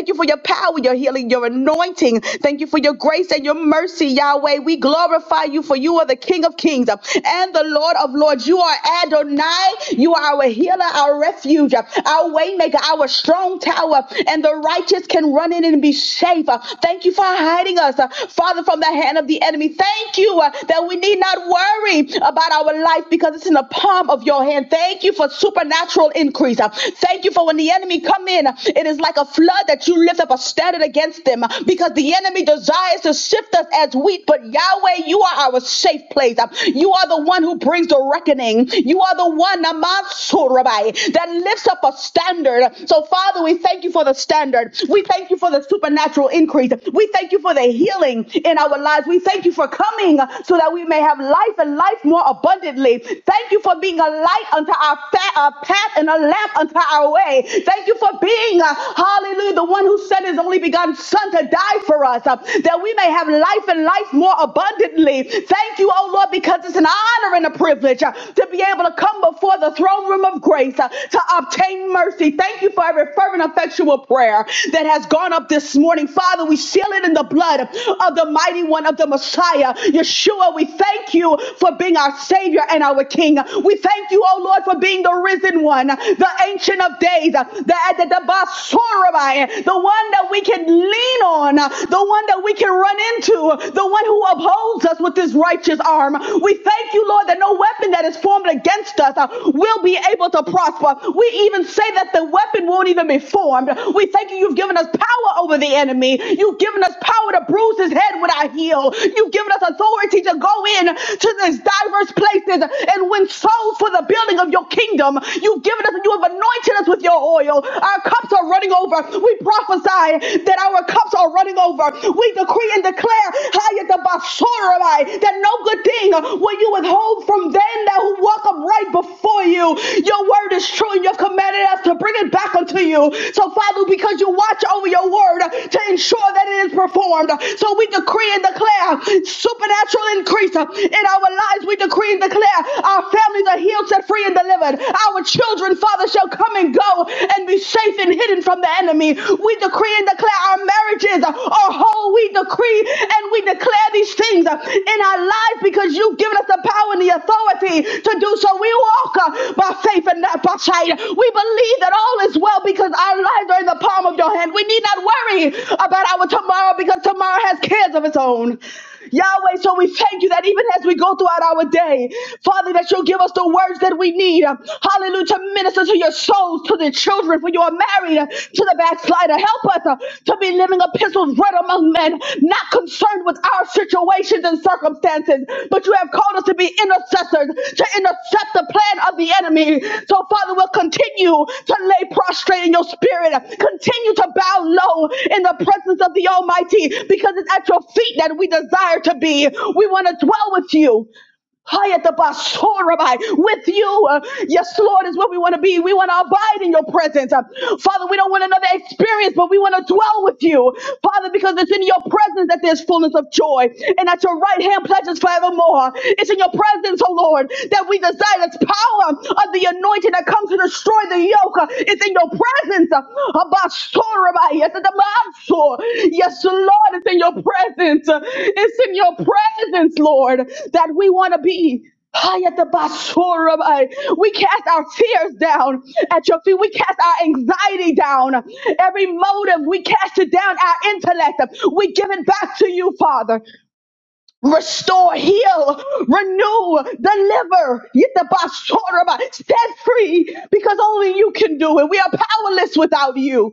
[SPEAKER 3] you for your power, your healing, your anointing anointing. Thank you for your grace and your mercy, Yahweh. We glorify you for you are the King of Kings uh, and the Lord of Lords. You are Adonai. You are our healer, our refuge, uh, our waymaker, our strong tower, and the righteous can run in and be safe. Uh, Thank you for hiding us, uh, Father, from the hand of the enemy. Thank you uh, that we need not worry about our life because it's in the palm of your hand. Thank you for supernatural increase. Uh, Thank you for when the enemy come in, uh, it is like a flood that you lift up a shall stand it against them uh, because the enemy desires to shift us as wheat. But Yahweh, you are our safe place. Uh, You are the one who brings the reckoning. You are the one, Namasu, Rabbi, that lifts up a standard. So, Father, we thank you for the standard. We thank you for the supernatural increase. We thank you for the healing in our lives. We thank you for coming uh, so that we may have life and life more abundantly. Thank you for being a light unto our, fa- our path and a lamp unto our way. Thank you for being uh, Hallelujah. The one who sent his only begotten son to die for us, uh, that we may have life and life more abundantly. Thank you, oh Lord, because it's an honor and a privilege uh, to be able to come before the throne room of grace uh, to obtain mercy. Thank you for every fervent, effectual prayer that has gone up this morning. Father, we seal it in the blood of the mighty one of the Messiah, Yeshua. We thank you for being our Savior and our King. We thank you, oh Lord, for being the risen one, the ancient of days praise, uh, the, uh, the, the, basurabai, the one that we can lean on, uh, the one that we can run into, the one who upholds us with his righteous arm. We thank you, Lord, that no weapon that is formed against us uh, will be able to prosper. We even say that the weapon won't even be formed. We thank you, you've given us power over the enemy. You've given us power to bruise his head with our heel. You've given us authority to go in to these diverse places and win souls for the building of your kingdom. You've given given us and you have anointed us with your oil. Our cups are running over. We prophesy that our cups are running over. We decree and declare "Hayat abasorai," that no good thing will you withhold from them that who walk upright before you. Your word is true and you've commanded us to bring it back unto you. So, Father, because you watch over your word to ensure that it is performed. So we decree and declare supernatural increase in our lives. We decree and declare our families are healed, set free free and delivered. Our children, Father, shall come and go and be safe and hidden from the enemy. We decree and declare our marriages are whole. We decree and we declare these things in our lives because you've given us the power and the authority to do so. We walk uh, by faith and not by sight. We believe that all is well because our lives are in the palm of your hand. We need not worry about our tomorrow because tomorrow has cares of its own. Yahweh, so we thank you that even as we go throughout our day, Father, that you'll give us the words that we need. Hallelujah. To minister to your souls, to the children, for you are married uh, to the backslider. Help us uh, to be living epistles read among men, not concerned with our situations and circumstances circumstances, but you have called us to be intercessors, to intercept the plan of the enemy. So, Father, we'll continue to lay prostrate in your spirit, continue to bow low in the presence of the Almighty, because it's at your feet that we desire to be. We want to dwell with you. Hayatabasorabai. With you, uh, yes, Lord, is what we want to be. We want to abide in your presence. Uh, Father, we don't want another experience, but we want to dwell with you, Father, because it's in your presence that there's fullness of joy, and at your right hand pleasures forevermore. It's in your presence, oh Lord, that we desire this power of the anointing that comes to destroy the yoke. Uh, It's in your presence presence. uh, Abasora, yes, the Manso. Yes, Lord, it's in your presence. uh, It's in your presence, Lord, that we want to be. High at the basura, uh, We cast our tears down at your feet. We cast our anxiety down. Every motive, we cast it down, our intellect. We give it back to you, Father restore, heal, renew, deliver, Get the basoraba, set free, because only you can do it. We are powerless without you.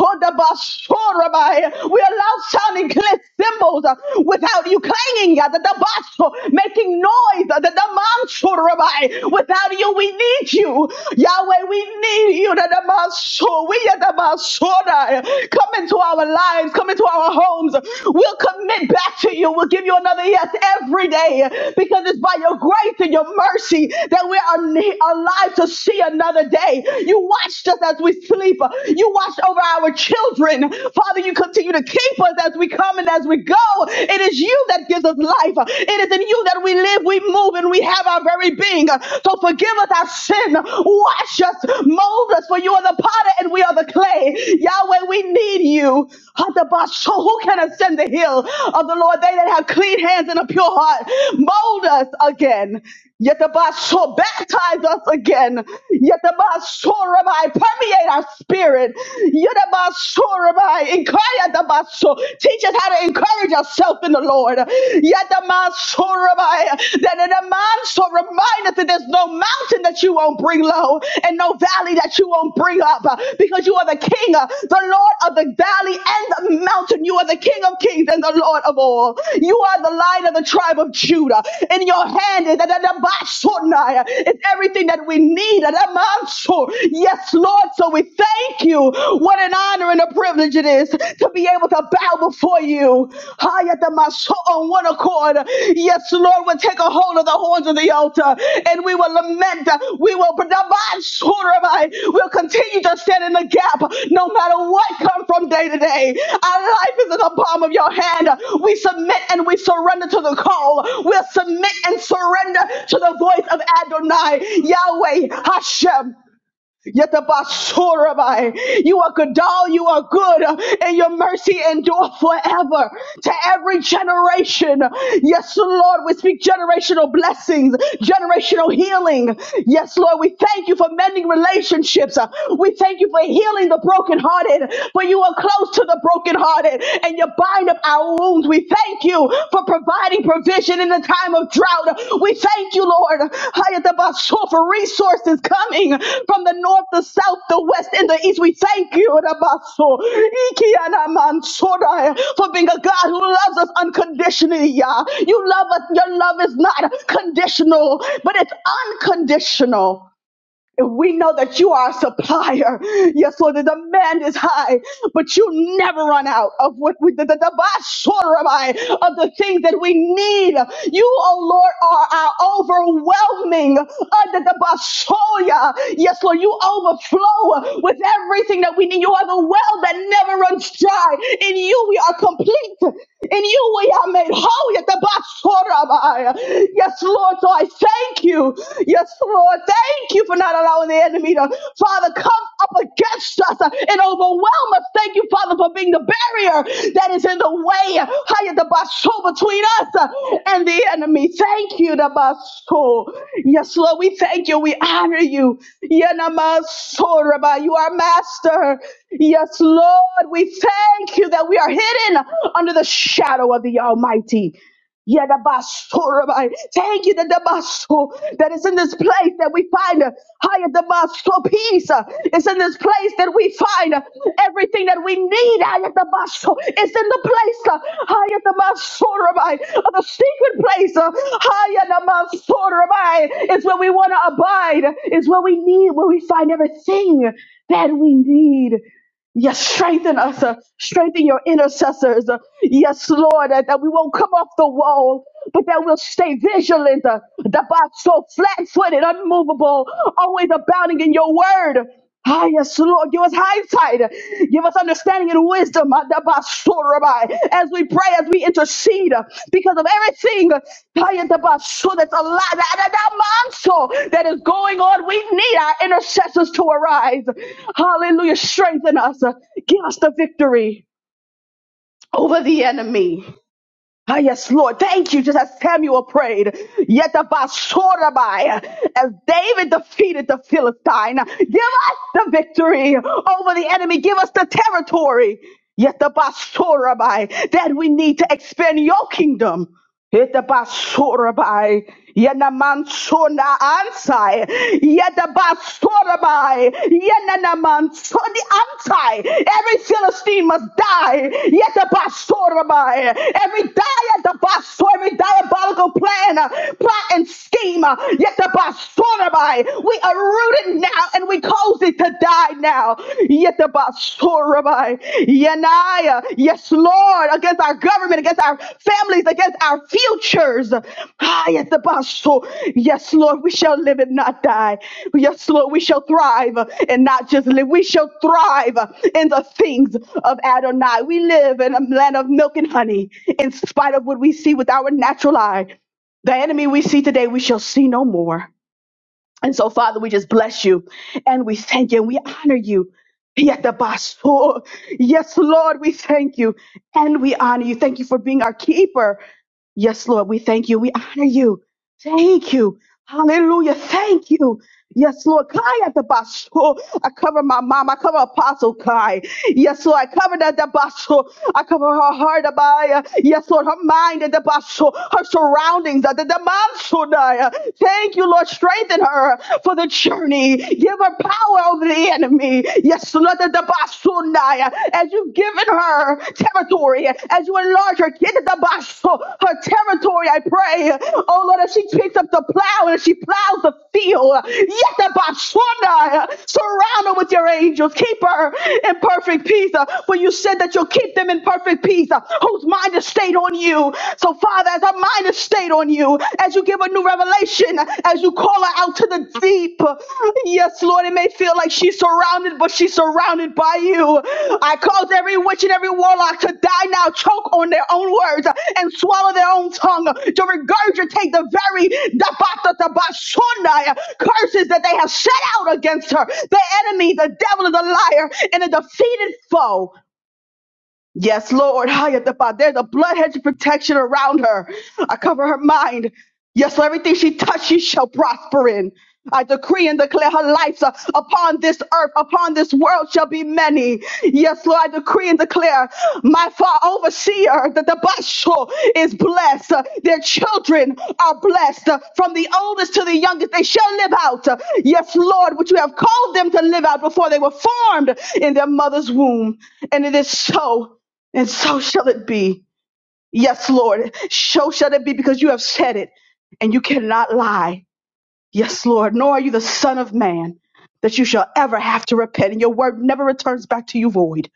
[SPEAKER 3] Hodabashorabai. We allow sounding clear symbols uh, without you clanging uh, the dabaso, making noise uh, the damansorabai. Without you, we need you. Yahweh, we need you. The dabaso, we are dabasorai. Come into our lives, come into our homes. We'll commit back to you. We'll give you another yes every day because it's by your grace and your mercy that we are ne- alive to see another day. You watched us as we sleep. You you watch over our children. Father, you continue to keep us as we come and as we go. It is you that gives us life. It is in you that we live, we move, and we have our very being. So forgive us our sin. Wash us, mold us, for you are the potter and we are the clay. Yahweh, we need you. So who can ascend the hill of the Lord? They that have clean hands and a pure heart. Mold us again. Yet the baptize us again. Yet the permeate our spirit. Yadabasurabai, Ikayadabaso. Teach us how to encourage ourselves in the Lord. Yadamasurabai, That in a man so remind us that there's no mountain that you won't bring low and no valley that you won't bring up uh, because you are the King, uh, the Lord of the valley and the mountain. You are the King of kings and the Lord of all. You are the lion of the tribe of Judah. In your hand is is everything that we need. yes. Yes, Lord. So we thank you. What an honor and a privilege it is to be able to bow before you. Hayatamasho On one accord. Yes, Lord, we'll take a hold of the horns of the altar and we will lament. We will we'll continue to stand in the gap no matter what comes from day to day. Our life is in the palm of your hand. We submit and we surrender to the call. We'll submit and surrender to the voice of Adonai, Yahweh, Hashem. Yatabasorabai. You are Gadal, you are good, and your mercy endure forever to every generation. Yes, Lord, we speak generational blessings, generational healing. Yes, Lord, we thank you for mending relationships. We thank you for healing the brokenhearted, for you are close to the brokenhearted, and you bind up our wounds food. We thank you for providing provision in the time of drought. We thank you, Lord, Hayatabaso, for resources coming from the north, the south, the west, and the east. We thank you, Rabaso, Ikianamansorai, for being a God who loves us unconditionally. Yah. You love us. Your love is not conditional, but it's unconditional. We know that you are a supplier. Yes, Lord, the demand is high, but you never run out of what we the, the, the basurabai of the things that we need. You, oh Lord, are our overwhelming under the basoya. Yes, Lord, you overflow with everything that we need. You are the well that never runs dry. In you we are complete. In you we are made whole. Yet the Basorabaya. Yes, Lord. So I thank you. Yes, Lord. Thank you for not allowing the enemy to, Father, come up against us uh, and overwhelm us. Thank you, Father, for being the barrier that is in the way. Higher the Basho between us uh, and the enemy. Thank you, the Basho. Yes, Lord. We thank you. We honor you. Yanamasoraba. You are master. Yes, Lord, we thank you that we are hidden under the shadow of the Almighty. Yadabasurabai. Thank you that the baso that is in this place that we find uh, higher the baso peace uh, is in this place that we find uh, everything that we need higher the baso is in the place uh, higher the basurabai of the secret place uh, higher the basurabai is where we want to abide is where we need where we find everything that we need Yes, strengthen us. uh, strengthen your intercessors. uh, yes, Lord, uh, that we won't come off the wall, but that we'll stay vigilant. Uh, that by so flat footed, unmovable, always abounding in your word. Ah, yes, Lord, give us hindsight. Give us understanding understanding and wisdom Adabasurabai, as we pray, as we intercede uh, because of everything uh, Ayatabasu, that's a lot that is going on. We need our intercessors to arise. Hallelujah. Strengthen us. uh, Give us the victory over the enemy. Ah, yes, Lord. Thank you. Just as Samuel prayed, yet the Basorabai, as David defeated the Philistine, give us the victory over the enemy. Give us the territory. Yet the Basorabai that we need to expand your kingdom. Yetabasurabai, Yanamansuna Ansai, Yetabasurabai, Yananamansuni Ansai. Every Philistine must die. Yetabasurabai. Every diatabasur, every diabolical plan, uh, plot, and scheme. uh, Yetabasurabai. We are rooted now and we cause it to die now now. Yetabasorabai. Yanaya. Yes, Lord, against our government, against our families, against our futures. Ah, yetabaso. Yes, Lord, we shall live and not die. Yes, Lord, we shall thrive and not just live. We shall thrive in the things of Adonai. We live in a land of milk and honey, in spite of what we see with our natural eye. The enemy we see today, we shall see no more. And so, Father, we just bless you and we thank you and we honor you. Yetabaso. Yes, Lord, we thank you and we honor you. Thank you for being our keeper. Yes, Lord, we thank you. We honor you. Thank you. Hallelujah. Thank you. Yes, Lord. Kai at the basho. I cover my mom. I cover Apostle Kai. Yes, Lord. I cover that the basho. I cover her heart. Abaya. Yes, Lord. Her mind at the basho. Her surroundings at the demandshodaya. Thank you, Lord. Strengthen her for the journey. Give her power over the enemy. Yes, Lord. The basho. As you've given her territory as you enlarge her get the box her territory I pray oh Lord as she picks up the plow and she plows the field yet the box surround her with your angels keep her in perfect peace uh, for you said that you'll keep them in perfect peace uh, whose mind is stayed on you so Father as our mind is stayed on you as you give a new revelation as you call her out to the deep. Yes, Lord, it may feel like she's surrounded, but she's surrounded by you. I cause every witch and every warlock to die now, choke on their own words and swallow their own tongue, to regurgitate the very dabatatatabasunai curses that they have set out against her. The enemy, the devil, and the liar, and a defeated foe. Yes, Lord. Hayatapa. There's a blood hedge of protection around her. I cover her mind. Yes, Lord, everything she touches, she shall prosper in. I decree and declare her life uh, upon this earth, upon this world shall be many. Yes, Lord, I decree and declare my far overseer that the Basho is blessed. Uh, Their children are blessed uh, from the oldest to the youngest. They shall live out. uh, Yes, Lord, what you have called them to live out before they were formed in their mother's womb. And it is so. And so shall it be. Yes, Lord. So shall it be because you have said it and you cannot lie. Yes, Lord. Nor are you the Son of Man that you shall ever have to repent. And your word never returns back to you void,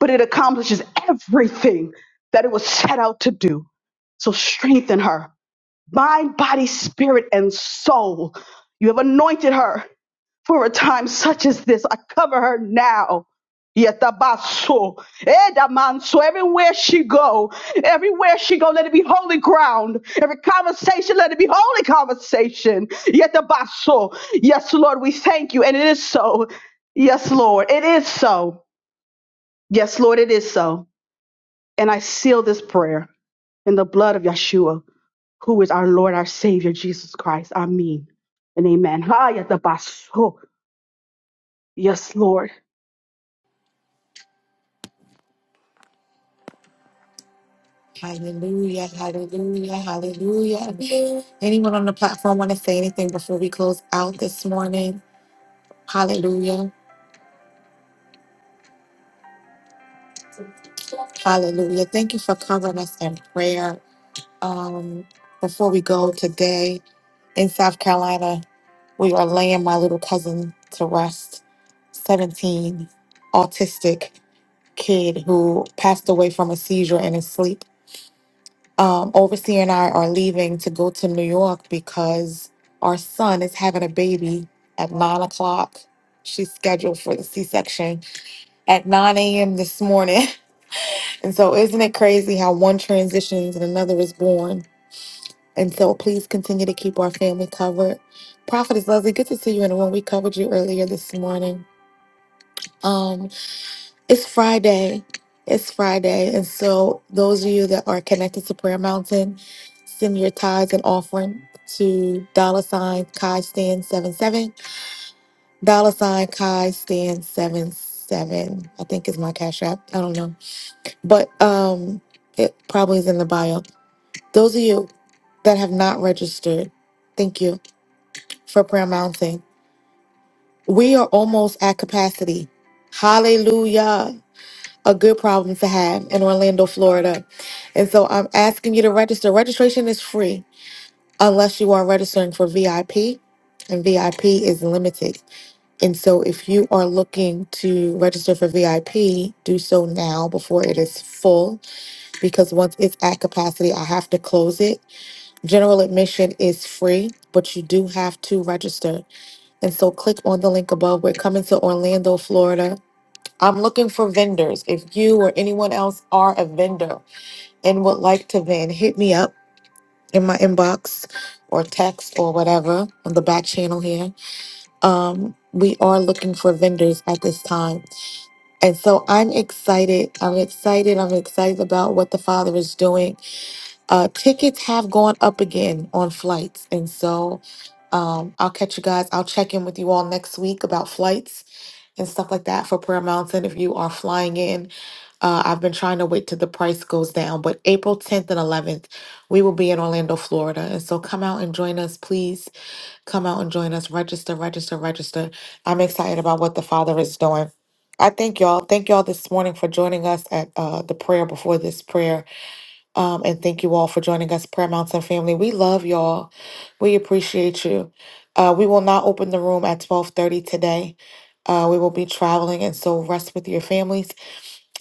[SPEAKER 3] but it accomplishes everything that it was set out to do. So strengthen her mind, body, spirit, and soul. You have anointed her for a time such as this. I cover her now. Yetabaso, edamanso, Everywhere she go, everywhere she go, let it be holy ground. Every conversation, let it be holy conversation. Yetabaso. Yes, Lord, we thank you, and it is so. Yes, Lord, it is so. Yes, Lord, it is so. And I seal this prayer in the blood of Yeshua who is our Lord, our Savior, Jesus Christ. Amen and amen. Hayatabaso. Yes, Lord.
[SPEAKER 1] Hallelujah, hallelujah, hallelujah. Anyone on the platform want to say anything before we close out this morning? Hallelujah. Hallelujah. Thank you for covering us in prayer. Um, before we go today in South Carolina, we are laying my little cousin to rest, 17, autistic kid who passed away from a seizure in his sleep. Um, Overseer and I are leaving to go to New York because our son is having a baby at nine o'clock. She's scheduled for the C section at 9 a.m. this morning. And so, isn't it crazy how one transitions and another is born? And so, please continue to keep our family covered. Prophetess Leslie, good to see you in the room. We covered you earlier this morning. Um, it's Friday. It's Friday. And so, those of you that are connected to Prayer Mountain, send your tithes and offering to dollar sign Kai Stan seven seven. Dollar sign Kai Stan seven seven. I think is my cash app. I don't know. But um it probably is in the bio. Those of you that have not registered, thank you for Prayer Mountain. We are almost at capacity. Hallelujah. A good problem to have in Orlando, Florida. And so I'm asking you to register. Registration is free unless you are registering for VIP, and VIP is limited. And so if you are looking to register for VIP, do so now before it is full because once it's at capacity, I have to close it General admission is free, but you do have to register. And so click on the link above. We're coming to Orlando, Florida. I'm looking for vendors. If you or anyone else are a vendor and would like to vend, hit me up in my inbox or text or whatever on the back channel here. Um, we are looking for vendors at this time. And so I'm excited. I'm excited. I'm excited about what the Father is doing. Uh, tickets have gone up again on flights, and so um, I'll catch you guys. I'll check in with you all next week about flights and stuff like that for Prayer Mountain. If you are flying in, uh, I've been trying to wait till the price goes down, but April 10th and 11th, we will be in Orlando, Florida. And so come out and join us. Please come out and join us. Register, register, register. I'm excited about what the Father is doing. I thank y'all. Thank y'all this morning for joining us at uh, the prayer before this prayer. Um, and thank you all for joining us, Prayer Mountain family. We love y'all. We appreciate you. Uh, we will not open the room at 12:30 today. Uh, we will be traveling, and so rest with your families.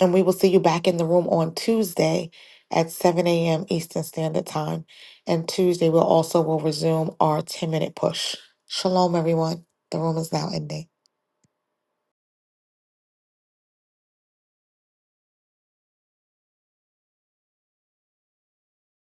[SPEAKER 1] And we will see you back in the room on Tuesday at 7 a.m. Eastern Standard Time. And Tuesday we'll also will resume our 10-minute push. Shalom, everyone. The room is now ending.